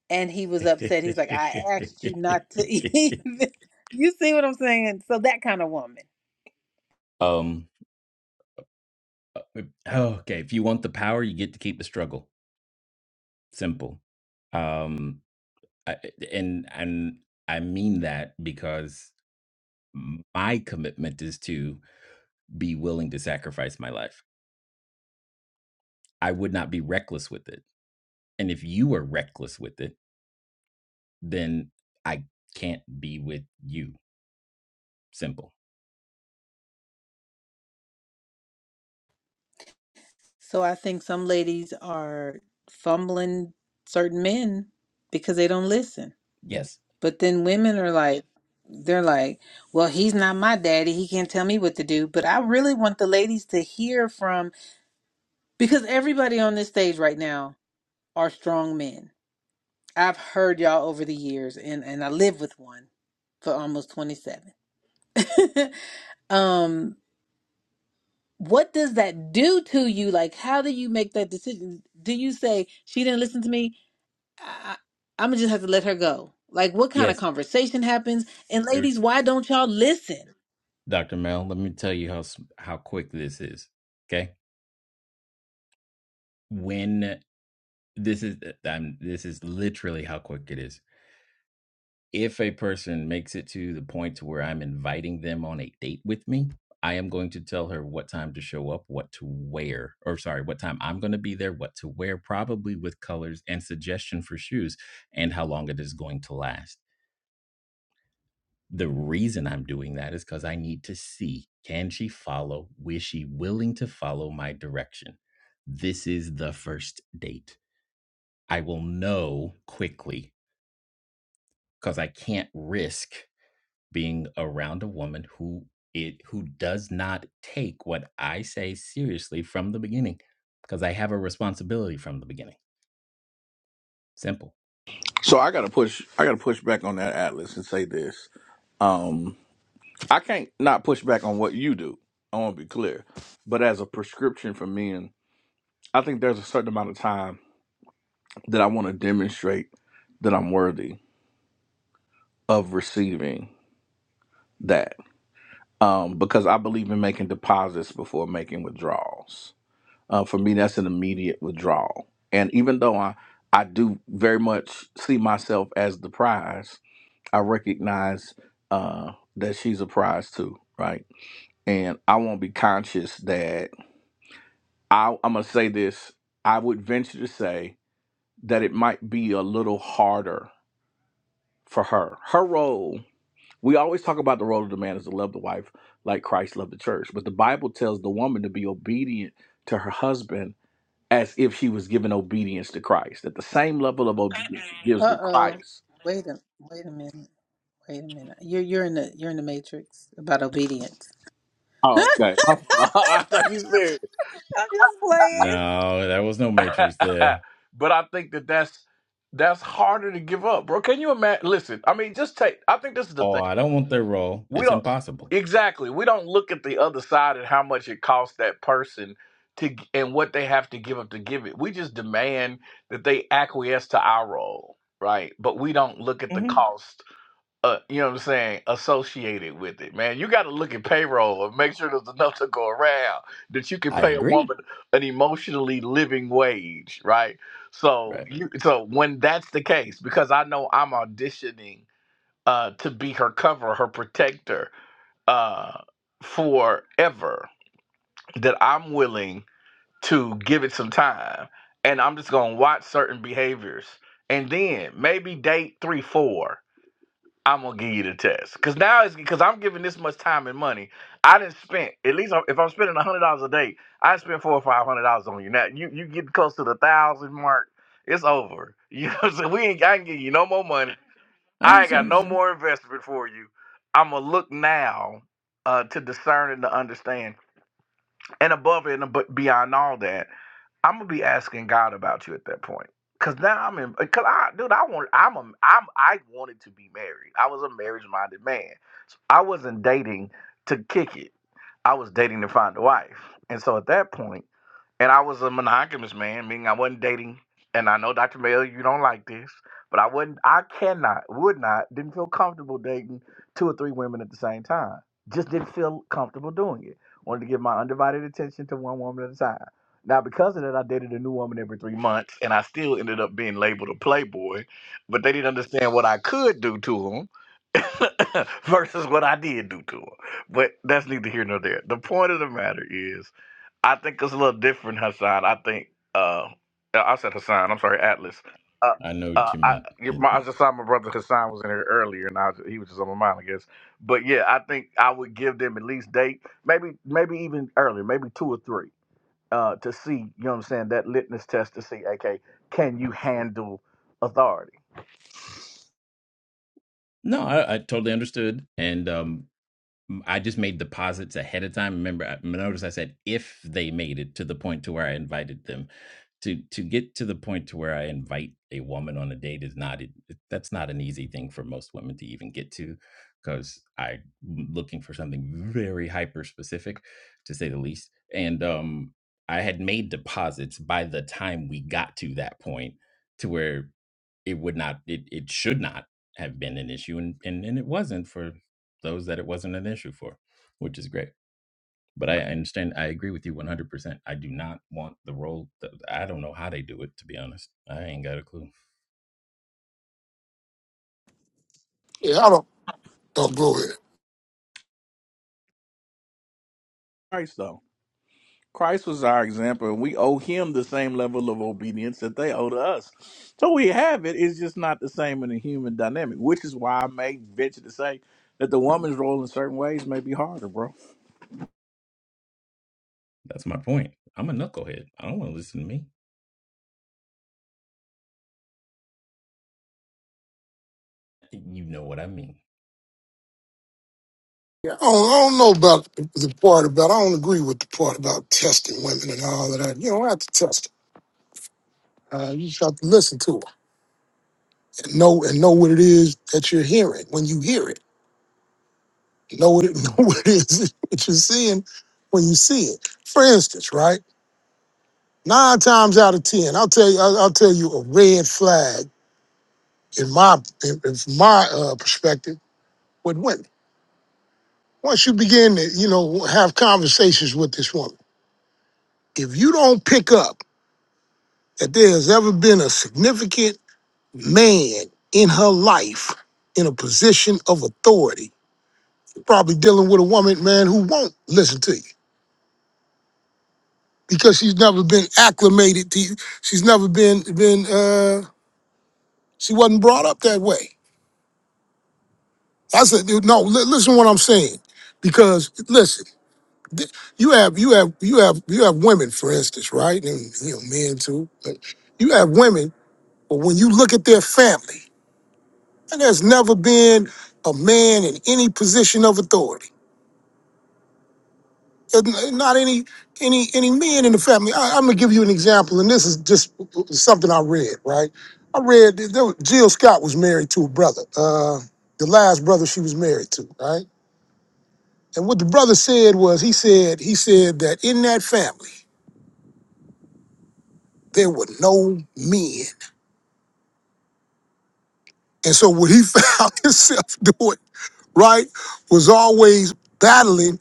Speaker 1: And he was upset. He's like, I asked you not to even. You see what I'm saying? So that kind of woman.
Speaker 5: Um. uh, Okay. If you want the power, you get to keep the struggle. Simple. Um. I and and I mean that because my commitment is to be willing to sacrifice my life. I would not be reckless with it. And if you are reckless with it, then I can't be with you. Simple.
Speaker 1: So I think some ladies are fumbling certain men because they don't listen.
Speaker 5: Yes.
Speaker 1: But then women are like, they're like, well, he's not my daddy. He can't tell me what to do. But I really want the ladies to hear from Because everybody on this stage right now are strong men. I've heard y'all over the years and, and I live with one for almost 27. um, what does that do to you? Like, how do you make that decision? Do you say, she didn't listen to me? I, I'm gonna just have to let her go. Like, what kind of
Speaker 5: Yes.
Speaker 1: conversation happens? And
Speaker 5: There,
Speaker 1: ladies, why don't y'all listen?
Speaker 5: Dr. Mel, let me tell you how s- how quick this is. Okay? When this is uh, I'm, this is literally how quick it is if a person makes it to the point to where I'm inviting them on a date with me, I am going to tell her what time to show up, what to wear, or sorry, what time I'm going to be there, what to wear, probably with colors and suggestion for shoes and how long it is going to last. The reason I'm doing that is because I need to see can she follow? Is she willing to follow my direction? This is the first date. I will know quickly because I can't risk being around a woman who it who does not take what I say seriously from the beginning because I have a responsibility from the beginning. Simple.
Speaker 3: So I gotta push. I gotta push back on that Atlas and say this. Um, I can't not push back on what you do. I want to be clear, but as a prescription for men, I think there's a certain amount of time that I want to demonstrate that I'm worthy of receiving that. um, because I believe in making deposits before making withdrawals. Uh, for me, that's an immediate withdrawal. And even though I, I do very much see myself as the prize, I recognize uh, that she's a prize too, right? And I won't be conscious that I, I'm going to say this. I would venture to say that it might be a little harder for her. Her role We always talk about the role of the man is to love the wife like Christ loved the church, but the Bible tells the woman to be obedient to her husband as if she was given obedience to Christ. At the same level of obedience she gives to
Speaker 1: Uh-oh.
Speaker 3: Christ.
Speaker 1: Wait a wait a minute. Wait a minute. You're you're in the you're in the matrix about obedience.
Speaker 3: Oh, okay. I thought you said.
Speaker 1: I'm just playing.
Speaker 5: No, there was no matrix there.
Speaker 3: but I think that that's that's harder to give up, bro. Can you imagine? Listen, I mean, just take. I think this is the
Speaker 5: Oh,
Speaker 3: thing.
Speaker 5: I don't want their role.
Speaker 3: we
Speaker 5: It's
Speaker 3: don't
Speaker 5: impossible.
Speaker 3: exactly we don't look at the other side and how much it costs that person to g- and what they have to give up to give it we just demand that they acquiesce to our role right but we don't look at the
Speaker 5: hmm
Speaker 3: cost uh, you know what i'm saying associated with it man you got to look at payroll and make sure there's enough to go around that you can
Speaker 5: I
Speaker 3: pay a
Speaker 5: agree.
Speaker 3: woman an emotionally living wage right so
Speaker 5: Right.
Speaker 3: you so when that's the case because i know i'm auditioning uh to be her cover her protector uh, forever that I'm willing to give it some time and I'm just gonna watch certain behaviors and then maybe date three, four, I'm gonna give you the test. Cause now it's because I'm giving this much time and money. I didn't spend at least I'm- if I'm spending a hundred dollars a day, I spend four or five hundred dollars on you. Now you you get close to the thousand mark, it's over. You know, so we ain't I ain't give you no more money.
Speaker 5: I
Speaker 3: I ain't
Speaker 5: understand
Speaker 3: got
Speaker 5: what you're
Speaker 3: no
Speaker 5: saying.
Speaker 3: more investment for you. I'm gonna look now uh, to discern and to understand, and above and ab- beyond all that, I'm gonna be asking God about you at that point. Cause now I'm in, cause I, dude, I want, I'm, a, I'm, I wanted to be married. I was a marriage-minded man. I wasn't dating to kick it. I was dating to find a wife. And so at that point. And I was a monogamous man, meaning I wasn't dating. And I know, Dr. Mayo, you don't like this, but I wouldn't, I cannot, would not, didn't feel comfortable dating two or three women at the time. Just doing it one at time. Not for three months, and I boy, but they stand with them. First of all, but I thought, I think, uh, uh, I'm sorry, Atlas. Uh,
Speaker 5: I know what
Speaker 3: uh,
Speaker 5: you
Speaker 3: I,
Speaker 5: meant. Uh,
Speaker 3: my, I just saw my brother Hassan was in here earlier, and I was, he was just on my mind, I guess. But yeah, I think I would give them at least date, maybe, maybe even earlier, maybe two or three Can you handle authority?
Speaker 5: No, I, I totally understood. And um, I just made deposits ahead of time. Remember, I notice I said if they made it to the point to where I invited them to to get to the point to where I invite a woman on a date is not it, it- that's not an easy thing for most women to even get to because I'm looking for something very hyper specific, to say the least. And um, I had made deposits by the time we got to that point to where it would not it, it should not have been an issue and, and and it wasn't for those that it wasn't an issue for, which is great. But I understand. I agree with you 100%. I do not want the role. That, I don't know how they do it, to be honest. I ain't got a clue.
Speaker 7: Yeah, I don't, don't go ahead.
Speaker 3: Christ, though. Christ was our example, and we owe him the same level of obedience that they owe to us. So we have it. It's just not the same in the human dynamic, which is why I may venture to say that the woman's role in certain ways may be harder, bro.
Speaker 5: That's my point. I'm a knucklehead. I don't want to listen to me. You know what I mean.
Speaker 7: Yeah. I don't, I don't know about the part about, I don't agree with the part about testing women and all of that. You don't have to test them. Uh, you just have to listen to them and know, and know what it is that you're hearing when you hear it. Know what it, know what it is that you're seeing when you see it. For instance, right? Nine times out of ten, I'll tell you, I'll, I'll tell you a red flag in my in, in from my uh, perspective with women. Once you begin to you know have conversations with this woman, if you don't pick up that there has ever been a significant man in her life in a position of authority, you're probably dealing with a woman, man, who won't listen to you because she's never been acclimated to you. She's never been been uh, she wasn't brought up that way. I said, no. li- listen, to what I'm saying because listen th- you have you have you have you have women, for instance, right? And you know, men too. But you have women, but when you look at their family, and there's never been a man in any position of authority. There's n- Not any any any men in the family. I, I'm gonna give you an example, and this is just something I read. Right? I read that there was- Jill Scott was married to a brother, uh, the last brother she was married to. Right? And what the brother said was, he said he said that in that family there were no men And so what he found himself doing, right, was always battling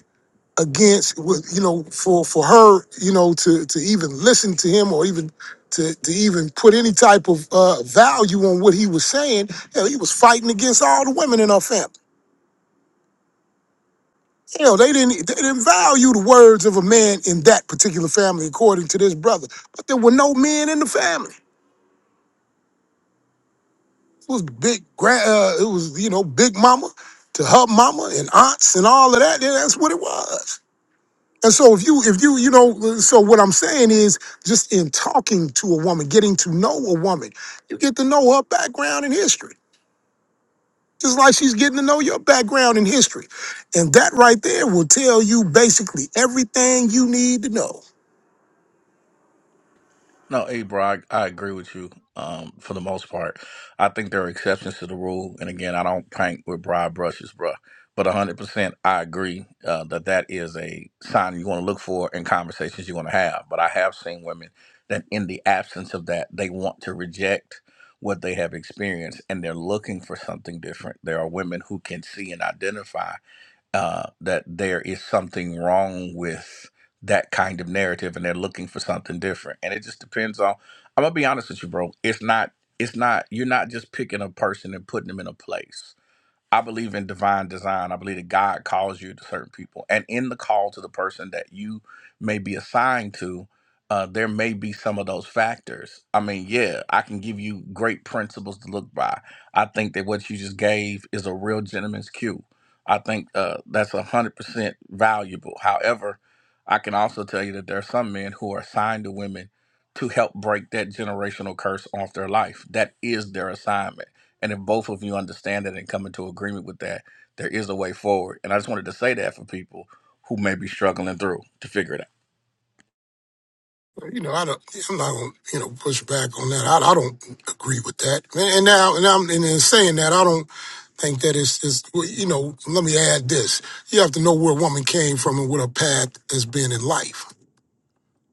Speaker 7: against with you know, for for her, you know, to to even listen to him or even to, to even put any type of uh, value on what he was saying, hell, he was fighting against all the women in our family. You know, they didn't they didn't value the words of a man in that particular family, according to this brother. But there were no men in the family. It was big grand. Uh, it was you know big mama to her mama and aunts and all of that. Yeah, that's what it was. And so if you if you you know so what I'm saying is just in talking to a woman, getting to know a woman, you get to know her background and history. Just like she's getting to know your background and history. And that right there will tell you basically everything you need to know.
Speaker 3: No, hey, bro, I, I agree with you um, for the most part. I think there are exceptions to the rule. And again, I don't paint with broad brushes, bro. But 100%, I agree uh, that that is a sign you want to look for in conversations you want to have. But I have seen women that, in the absence of that, they want to reject what they have experienced and they're looking for something different. There are women who can see and identify uh, that there is something wrong with that kind of narrative and they're looking for something different and it just depends on i'm gonna be honest with you bro it's not it's not you're not just picking a person and putting them in a place I believe in divine design. I believe that God calls you to certain people. And in the call to the person that you may be assigned to, uh, there may be some of those factors. I mean, yeah, I can give you great principles to look by. I think that what you just gave is a real gentleman's cue. I think uh, that's 100% valuable. However, I can also tell you that there are some men who are assigned to women to help break that generational curse off their life. That is their assignment and if both of you understand that and come into agreement with that, there is a way forward. And I just wanted to say that for people who may be struggling through to figure it out.
Speaker 7: You know, I don't, I'm not gonna, you know, push back on that. I, I don't agree with that. And and now, and I'm and in saying that, I don't think that it's, it's well, you know, let me add this. You have to know where a woman came from and what her path has been in life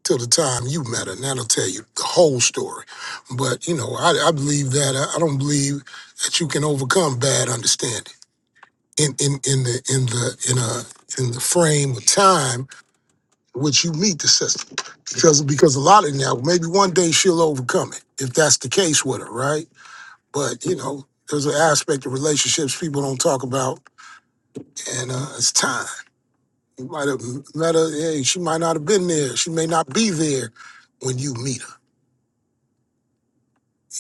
Speaker 7: till the time you met her. And that'll tell you the whole story. But, you know, I, I believe that. I, I don't believe that you can overcome bad understanding in, in, in the in the in a in the frame of time in which you meet the system. Because because a lot of now, maybe one day she'll overcome it, if that's the case with her, right? But you know, there's an aspect of relationships people don't talk about and uh, it's time. You might have met her. Hey, she might not have been there. She may not be there when you meet her.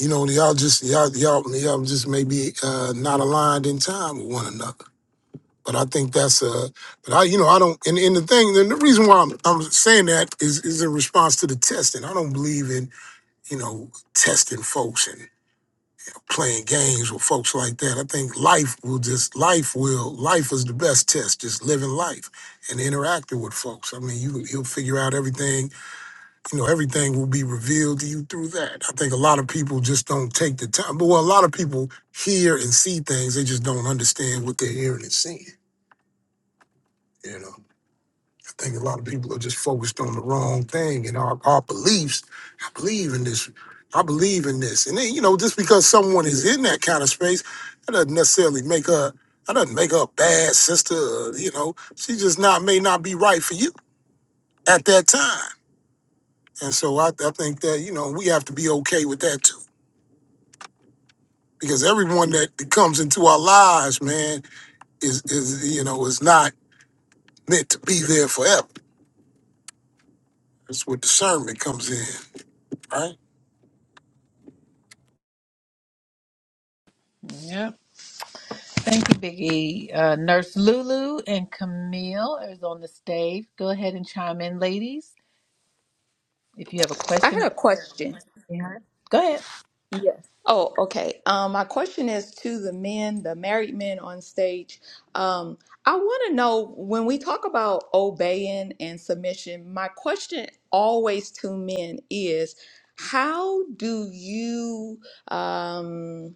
Speaker 7: You know, y'all just y'all y'all y'all just maybe uh, not aligned in time with one another. But I think that's uh, but I you know I don't and, and the thing and the reason why I'm, I'm saying that is is in response to the testing. I don't believe in you know testing folks playing games with folks like that. I think life will just life will life is the best test. Just living life and interacting with folks. I mean, you you'll figure out everything. You know, everything will be revealed to you through that. I think a lot of people just don't take the time. But well, a lot of people hear and see things. They just don't understand what they're hearing and seeing. You know. I think a lot of people are just focused on the wrong thing and our, our beliefs. I believe in this. I believe in this. And then, you know, just because someone is in that kind of space, that doesn't necessarily make her, that doesn't make her a bad sister. Or, you know, she just not, may not be right for you at that time. And so I, I think that, you know, we have to be okay with that too. Because everyone that comes into our lives, man, is, is you know, is not meant to be there forever. That's where discernment comes in, right?
Speaker 1: Yep. Thank you, Biggie. Uh, Nurse Lulu and Camille is on the stage. Go ahead and chime in, ladies, if you have a
Speaker 8: I
Speaker 1: question
Speaker 8: had a
Speaker 1: or
Speaker 8: question.
Speaker 1: yeah. Go ahead.
Speaker 8: Yes. Oh, okay. Um, my question is to the men, the married men on stage. Um, I want to know when we talk about obeying and submission, my question always to men is how do you um,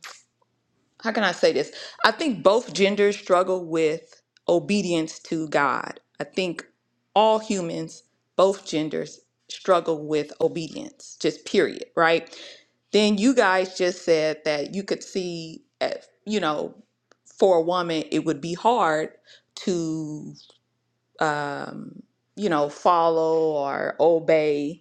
Speaker 8: how can I say this? I think both genders struggle with obedience to God. I think all humans, both genders, struggle with obedience, just period, right? Then you guys just said that you could see, at, you know, for a woman, it would be hard to, um, you know, follow or obey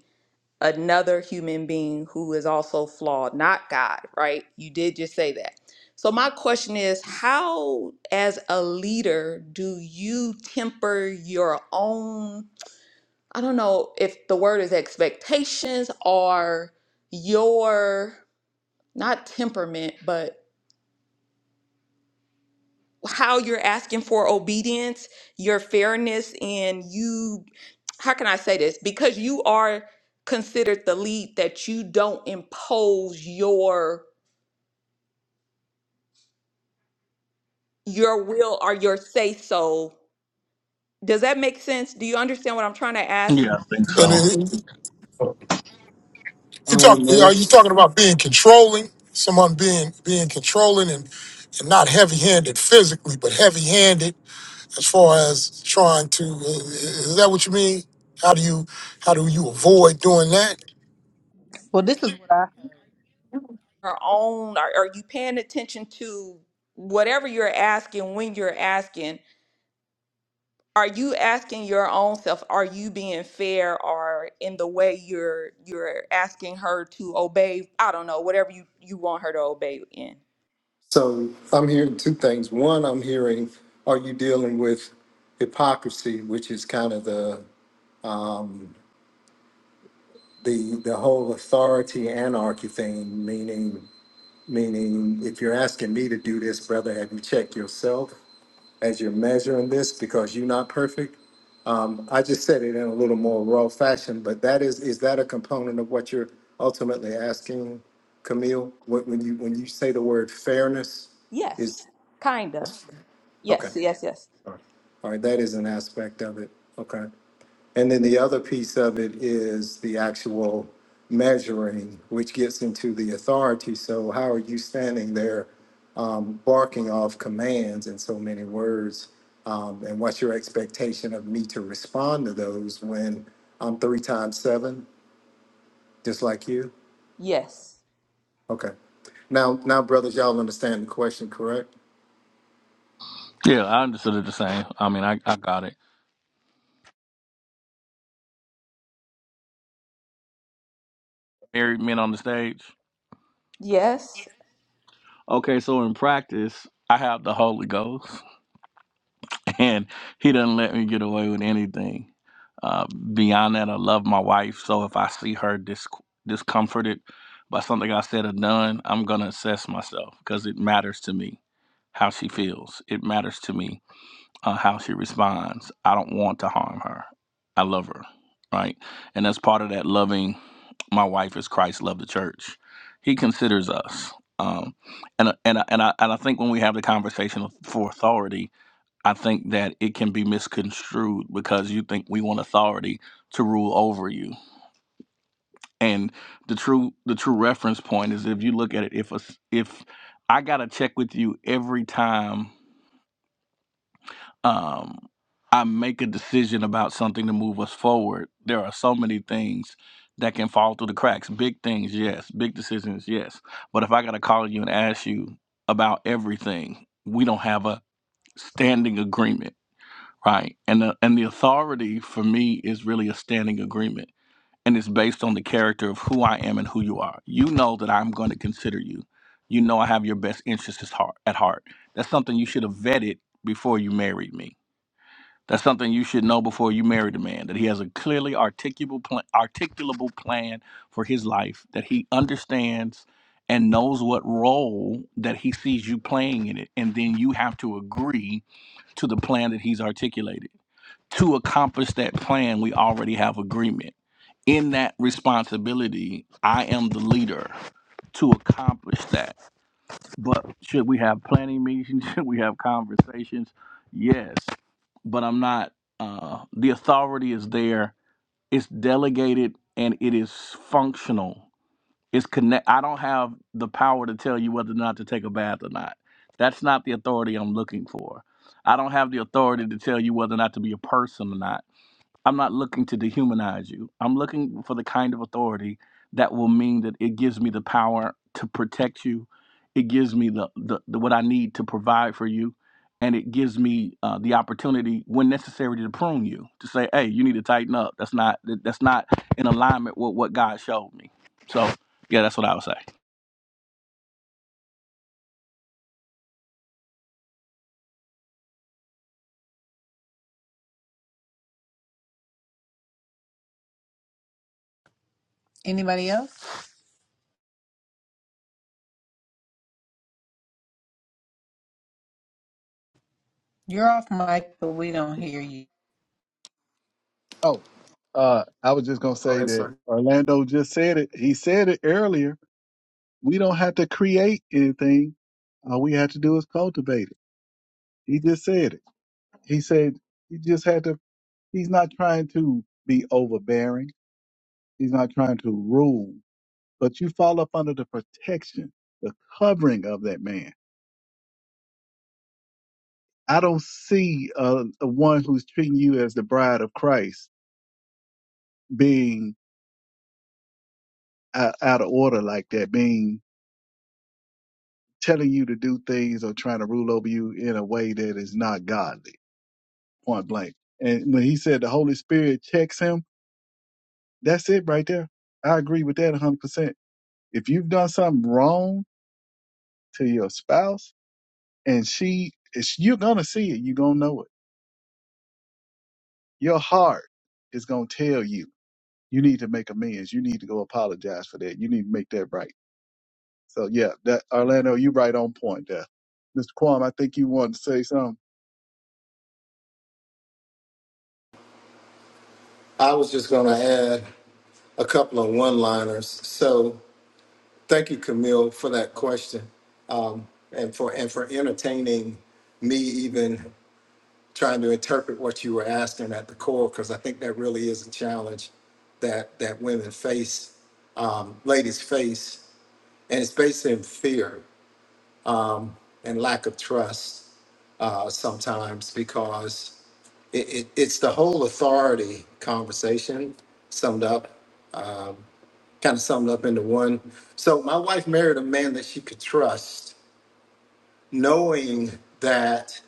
Speaker 8: another human being who is also flawed, not God, right? You did just say that. So, my question is how, as a leader, do you temper your own? I don't know if the word is expectations or your not temperament, but how you're asking for obedience, your fairness, and you, how can I say this? Because you are considered the lead that you don't impose your your will or your say so. Does that make sense? Do you understand what I'm trying to ask?
Speaker 3: Yeah, I think
Speaker 7: And
Speaker 3: so.
Speaker 7: then, You talk? Are you
Speaker 4: Almost.
Speaker 7: talking about being controlling? Someone being being controlling and and not heavy-handed physically, but heavy-handed as far as trying to. uh, Is that what you mean? How do you how do you avoid doing that?
Speaker 1: Well, this is what I.
Speaker 8: Your own, are, are you paying attention to whatever you're asking when you're asking? are you asking your own self are you being fair or in the way you're you're asking her to obey i don't know whatever you you want her to obey in
Speaker 4: So I'm hearing two things. One, I'm hearing, are you dealing with hypocrisy, which is kind of the um, the the whole authority anarchy thing, meaning meaning if you're asking me to do this, brother, have you checked yourself as you're measuring this because you're not perfect? Um, I just said it in a little more raw fashion, but that is is that a component of what you're ultimately asking, Camille? When, when you when you say the word fairness,
Speaker 8: yes
Speaker 4: is
Speaker 8: kinda
Speaker 4: okay.
Speaker 8: yes yes yes
Speaker 4: All right, that is an aspect of it. Okay. And then the other piece of it is the actual measuring, which gets into the authority. So how are you standing there um, barking off commands in so many words? Um, and what's your expectation of me to respond to those when I'm three times seven, just like you?
Speaker 8: yes
Speaker 4: Okay. Now, now, brothers, y'all understand the question, correct?
Speaker 3: Yeah, I understood it the same. I mean, I, I got it. Married men on the stage.
Speaker 8: yes
Speaker 3: Okay, so in practice, I have the Holy Ghost, and He doesn't let me get away with anything. Uh, beyond that, I love my wife. So if I see her dis- discomforted by something I said or done, I'm gonna assess myself because it matters to me. how she feels. It matters to me uh, how she responds. I don't want to harm her. I love her, right? And as part of that loving my wife as Christ loved the church. He considers us. Um, and and and I, and I think when we have the conversation for authority, I think that it can be misconstrued because you think we want authority to rule over you. And the true the true reference point is if you look at it, if a if I got to check with you every time um, I make a decision about something to move us forward, there are so many things that can fall through the cracks. Big things, yes. Big decisions, yes. But if I got to call you and ask you about everything, we don't have a standing agreement, right? And the, and the authority for me is really a standing agreement. And it's based on the character of who I am and who you are. You know that I'm going to consider you. You know I have your best interests at heart. at heart. That's something you should have vetted before you married me that's something you should know before you marry the man that he has a clearly articulable plan, articulable plan for his life, that he understands and knows what role that he sees you playing in it. And then you have to agree to the plan that he's articulated. To accomplish that plan, we already have agreement. In that responsibility, I am the leader to accomplish that. But yes, but I'm not uh the is there. It's dead and it is It's connect. I don't have the power to tell you whether or not to take a bath or not. That's not the authority I'm looking for. I don't have the authority to tell you whether or not to be a person or not. I'm not looking to dehumanize you. I'm looking for the kind of authority that will mean that it gives me the power to protect you. It gives me the, the, the what I need to provide for you. And it gives me uh, the opportunity, when necessary, to prune you to say, "Hey, you need to tighten up. That's not that- that's not in alignment with what God showed me." So, yeah, that's what I would say.
Speaker 1: Anybody else? You're off mic, but we don't hear you.
Speaker 2: Oh, uh, I was just gonna say that Orlando just said it. He said it earlier We don't have to create anything. All we have to do is cultivate it. He just said it. He said he just had to. He's not trying to be overbearing. He's not trying to rule. But you fall up under the protection, the covering of that man. I don't see uh, the one who's treating you as the bride of Christ being out, out of order like that, being telling you to do things or trying to rule over you in a way that is not godly point blank. And when he said the Holy Spirit checks him, that's it right there. I agree with that 100%. If you've done something wrong to your spouse and she, it's, you're going to see it, you're going to know it. Your heart is going to tell you, you need to make amends. You need to go apologize for that. You need to make that right. So, yeah, that Orlando, you right on point there. Mr. Quam, I think you wanted to say something.
Speaker 4: I was just going to add a couple of one-liners. So Thank you, Camille, for that question, um, and for and for entertaining me even trying to interpret what you were asking at the core, because I think that really is a challenge that that women face, um, ladies face, and it's based in fear um, and lack of trust uh, sometimes because it, it, it's the whole authority conversation summed up. um, kind of summed up into one. So my wife married a man that she could trust, knowing that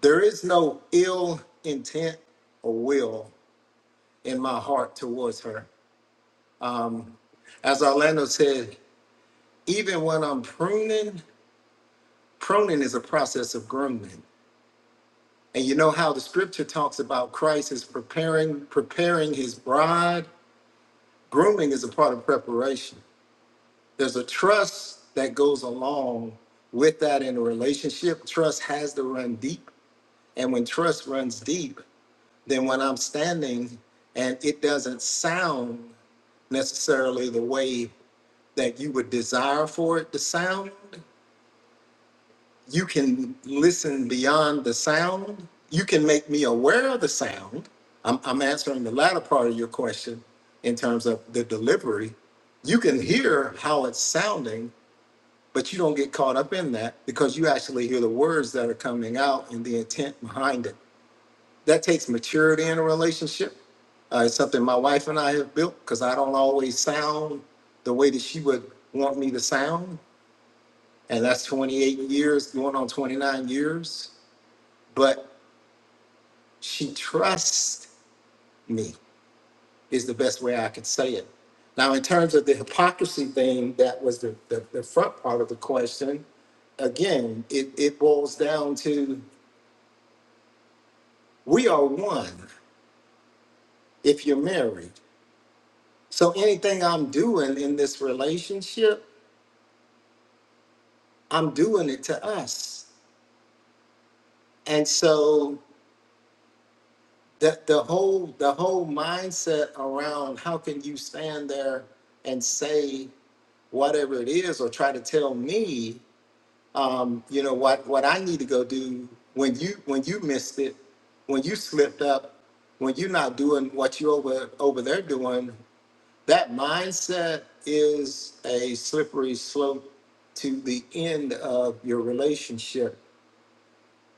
Speaker 4: there is no ill intent or will in my heart towards her. Um, as Orlando said, even when I'm pruning, pruning is a process of grooming. And you know how the scripture talks about Christ is preparing, preparing his bride. Grooming is a part of preparation. there's a trust that goes along with that in a relationship. Trust has to run deep. And when trust runs deep, then when I'm standing and it doesn't sound necessarily the way that you would desire for it to sound, you can listen beyond the sound. You can make me aware of the sound. I'm, I'm answering the latter part of your question in terms of the delivery. You can hear how it's sounding, but you don't get caught up in that because you actually hear the words that are coming out and the intent behind it. That takes maturity in a relationship. Uh, it's something my wife and I have built because I don't always sound the way that she would want me to sound. And that's 28 years, going on 29 years. But she trusts me. is the best way I could say it. Now, in terms of the hypocrisy thing, that was the, the, the front part of the question. Again, it, it boils down to we are one if you're married. So anything I'm doing in this relationship, I'm doing it to us. And so the, the whole the whole mindset around how can you stand there and say whatever it is or try to tell me um, you know what what I need to go do when you when you missed it, when you slipped up, when you're not doing what you over over there doing, that mindset is a slippery slope to the end of your relationship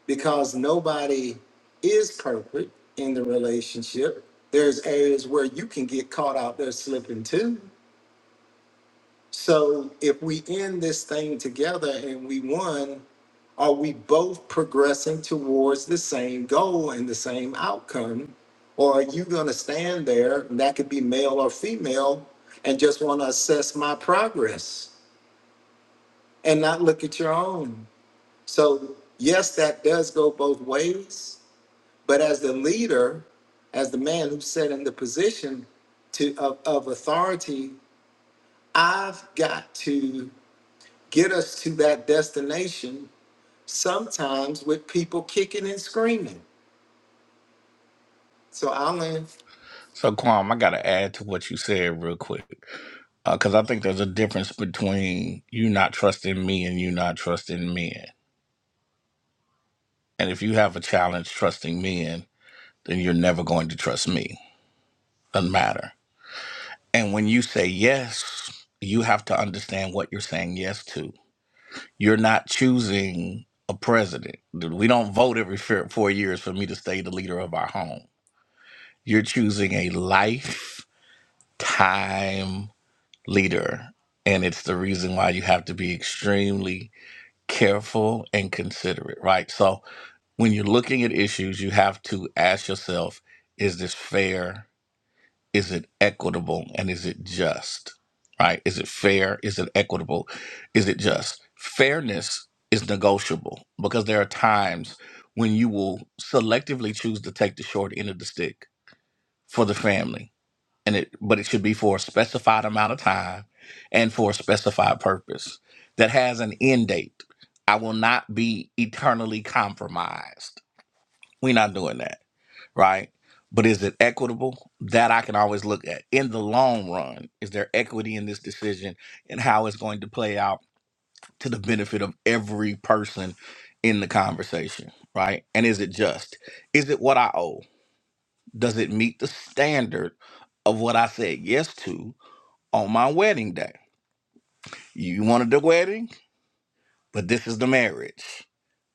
Speaker 4: because nobody is perfect in the relationship. There's areas where you can get caught out there slipping too so if we end this thing together and we won, are we both progressing towards the same goal and the same outcome? Or are you going to stand there, and that could be male or female, and just want to assess my progress and not look at your own? So, yes, that does go both ways. But as the leader, as the man who's set in the position to, of, of authority, I've got to get us to that destination sometimes with people kicking and screaming. So I'll end.
Speaker 3: So, Kwam, I got to add to what you said real quick because I think there's a difference between you not trusting me and you not trusting men. And if you have a challenge trusting men, then you're never going to trust me. Doesn't matter. And when you say yes, you have to understand what you're saying yes to. You're not choosing a president. We don't vote every four four years for me to stay the leader of our home. You're choosing a lifetime leader. And it's the reason why you have to be extremely careful and considerate, right? So when you're looking at issues, you have to ask yourself, is this fair? Is it equitable? And is it just? Right? Is it fair? Is it equitable? Is it just? Fairness is negotiable because there are times when you will selectively choose to take the short end of the stick for the family. And it but it should be for a specified amount of time and for a specified purpose that has an end date. I will not be eternally compromised we're not doing that, right? But is it equitable? That I can always look at. In the long run, is there equity in this decision and how it's going to play out to the benefit of every person in the conversation, right? And is it just? Is it what I owe? Does it meet the standard of what I said yes to on my wedding day? You wanted the wedding, but this is the marriage.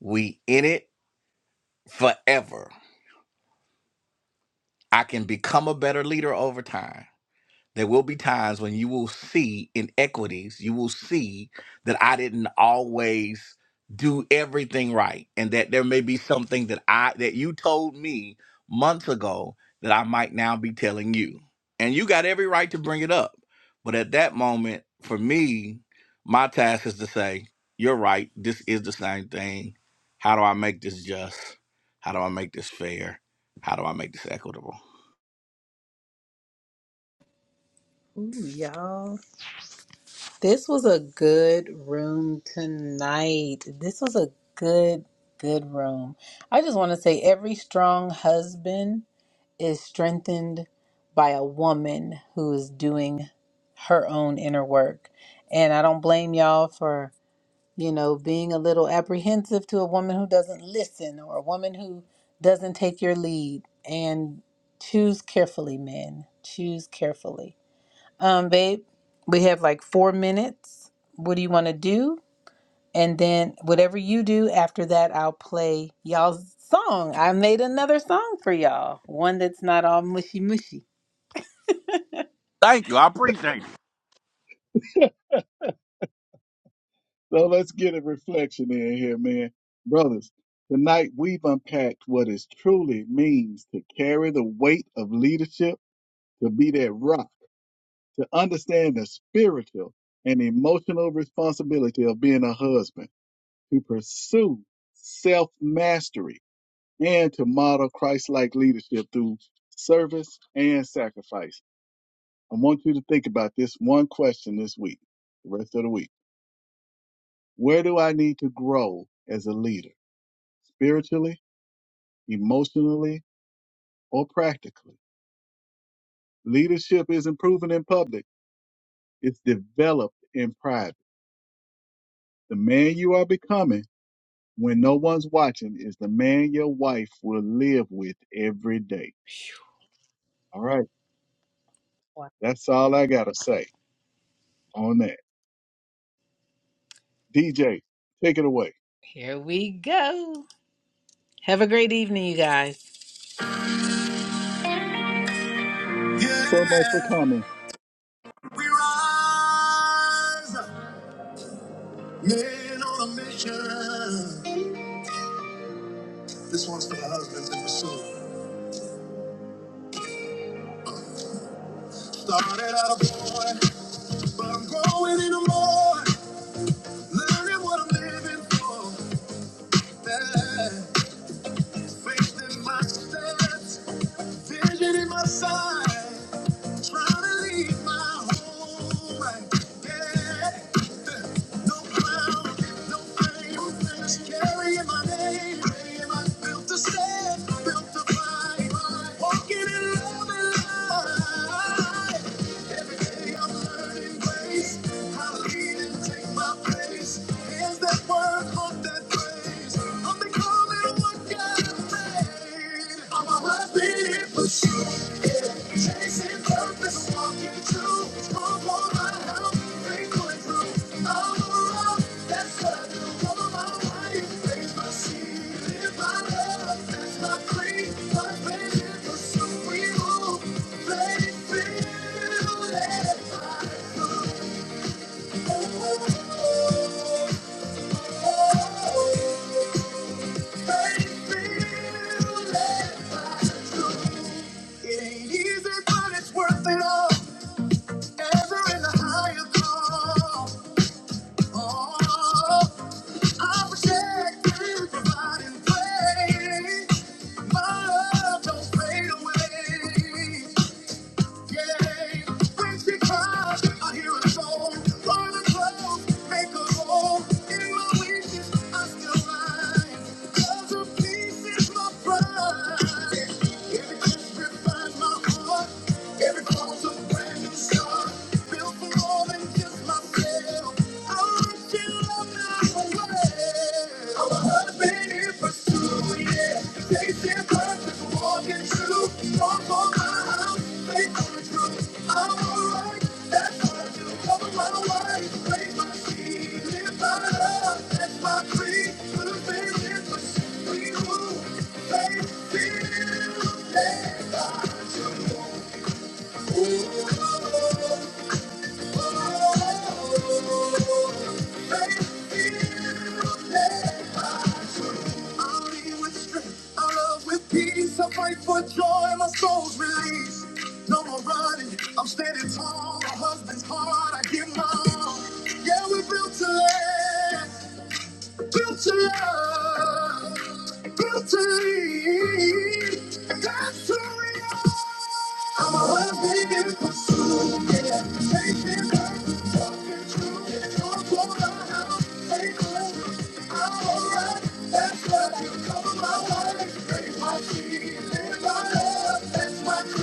Speaker 3: We in it forever. I can become a better leader over time. There will be times when you will see inequities. You will see that I didn't always do everything right, and that there may be something that I that you told me months ago that I might now be telling you. And you got every right to bring it up. But at that moment, for me, my task is to say, you're right. This is the same thing. How do I make this just? How do I make this fair? How do I make this equitable?
Speaker 1: Ooh, y'all. This was a good room tonight. This was a good, good room. I just want to say every strong husband is strengthened by a woman who is doing her own inner work. And I don't blame y'all for, you know, being a little apprehensive to a woman who doesn't listen or a woman who doesn't take your lead. And choose carefully, men. Choose carefully um, babe, we have like four minutes. What do you want to do? And then whatever you do after that, I'll play y'all's song. I made another song for y'all, one that's not all mushy mushy.
Speaker 3: Thank you. I appreciate you.
Speaker 2: So let's get a reflection in here, man. Brothers, tonight we've unpacked what it truly means to carry the weight of leadership, to be that rock, to understand the spiritual and emotional responsibility of being a husband, to pursue self mastery, and to model Christ like leadership through service and sacrifice. I want you to think about this one question this week, the rest of the week. Where do I need to grow as a leader? spiritually, emotionally, or practically. Leadership isn't proven in public, it's developed in private. The man you are becoming when no one's watching is the man your wife will live with every day.
Speaker 1: Phew.
Speaker 2: All right,
Speaker 1: Wow.
Speaker 2: that's all I got to say on that. DJ, take it away.
Speaker 1: Here we go. Have a great evening, you guys.
Speaker 2: So much for
Speaker 1: Yeah,
Speaker 2: comments.
Speaker 1: we rise, men on a mission. This one's for husbands in pursuit. Started out a boy, but I'm growing in a more. Learning what I'm living for. Yeah. Faith in my steps, vision in my sight. Trying to leave my home. right? Yeah. No cloud, no fame. Just carrying my name. Praying I'm built to stand, built to fight. Walking in love and light. Chasing purpose, walking through. It ain't easy, but it's worth it all. Ever in the higher call. Don't fade away. Every cause a brand new start, built for more than just myself. I want you love know my way. Thank you. I'll be with strength, I'll love with peace. I fight for joy, my soul's release. No more running, I'm standing tall. My husband's heart, I give my all. Yeah, we're built to last. Guilty, guilty. That's who we are. I'm a weapon in pursuit. Yeah, taking back, talking true. Don't want to have take over. I'm alright. That's what you call my life. Break my feet, live my love. That's my creed.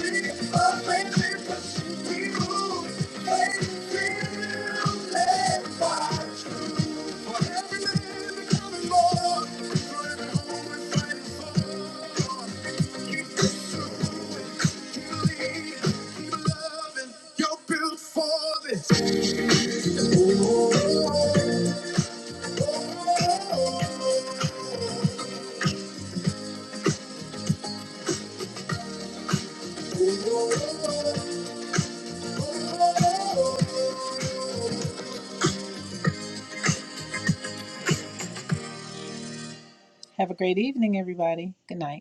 Speaker 1: You're built this. Have a great evening, everybody. Good night.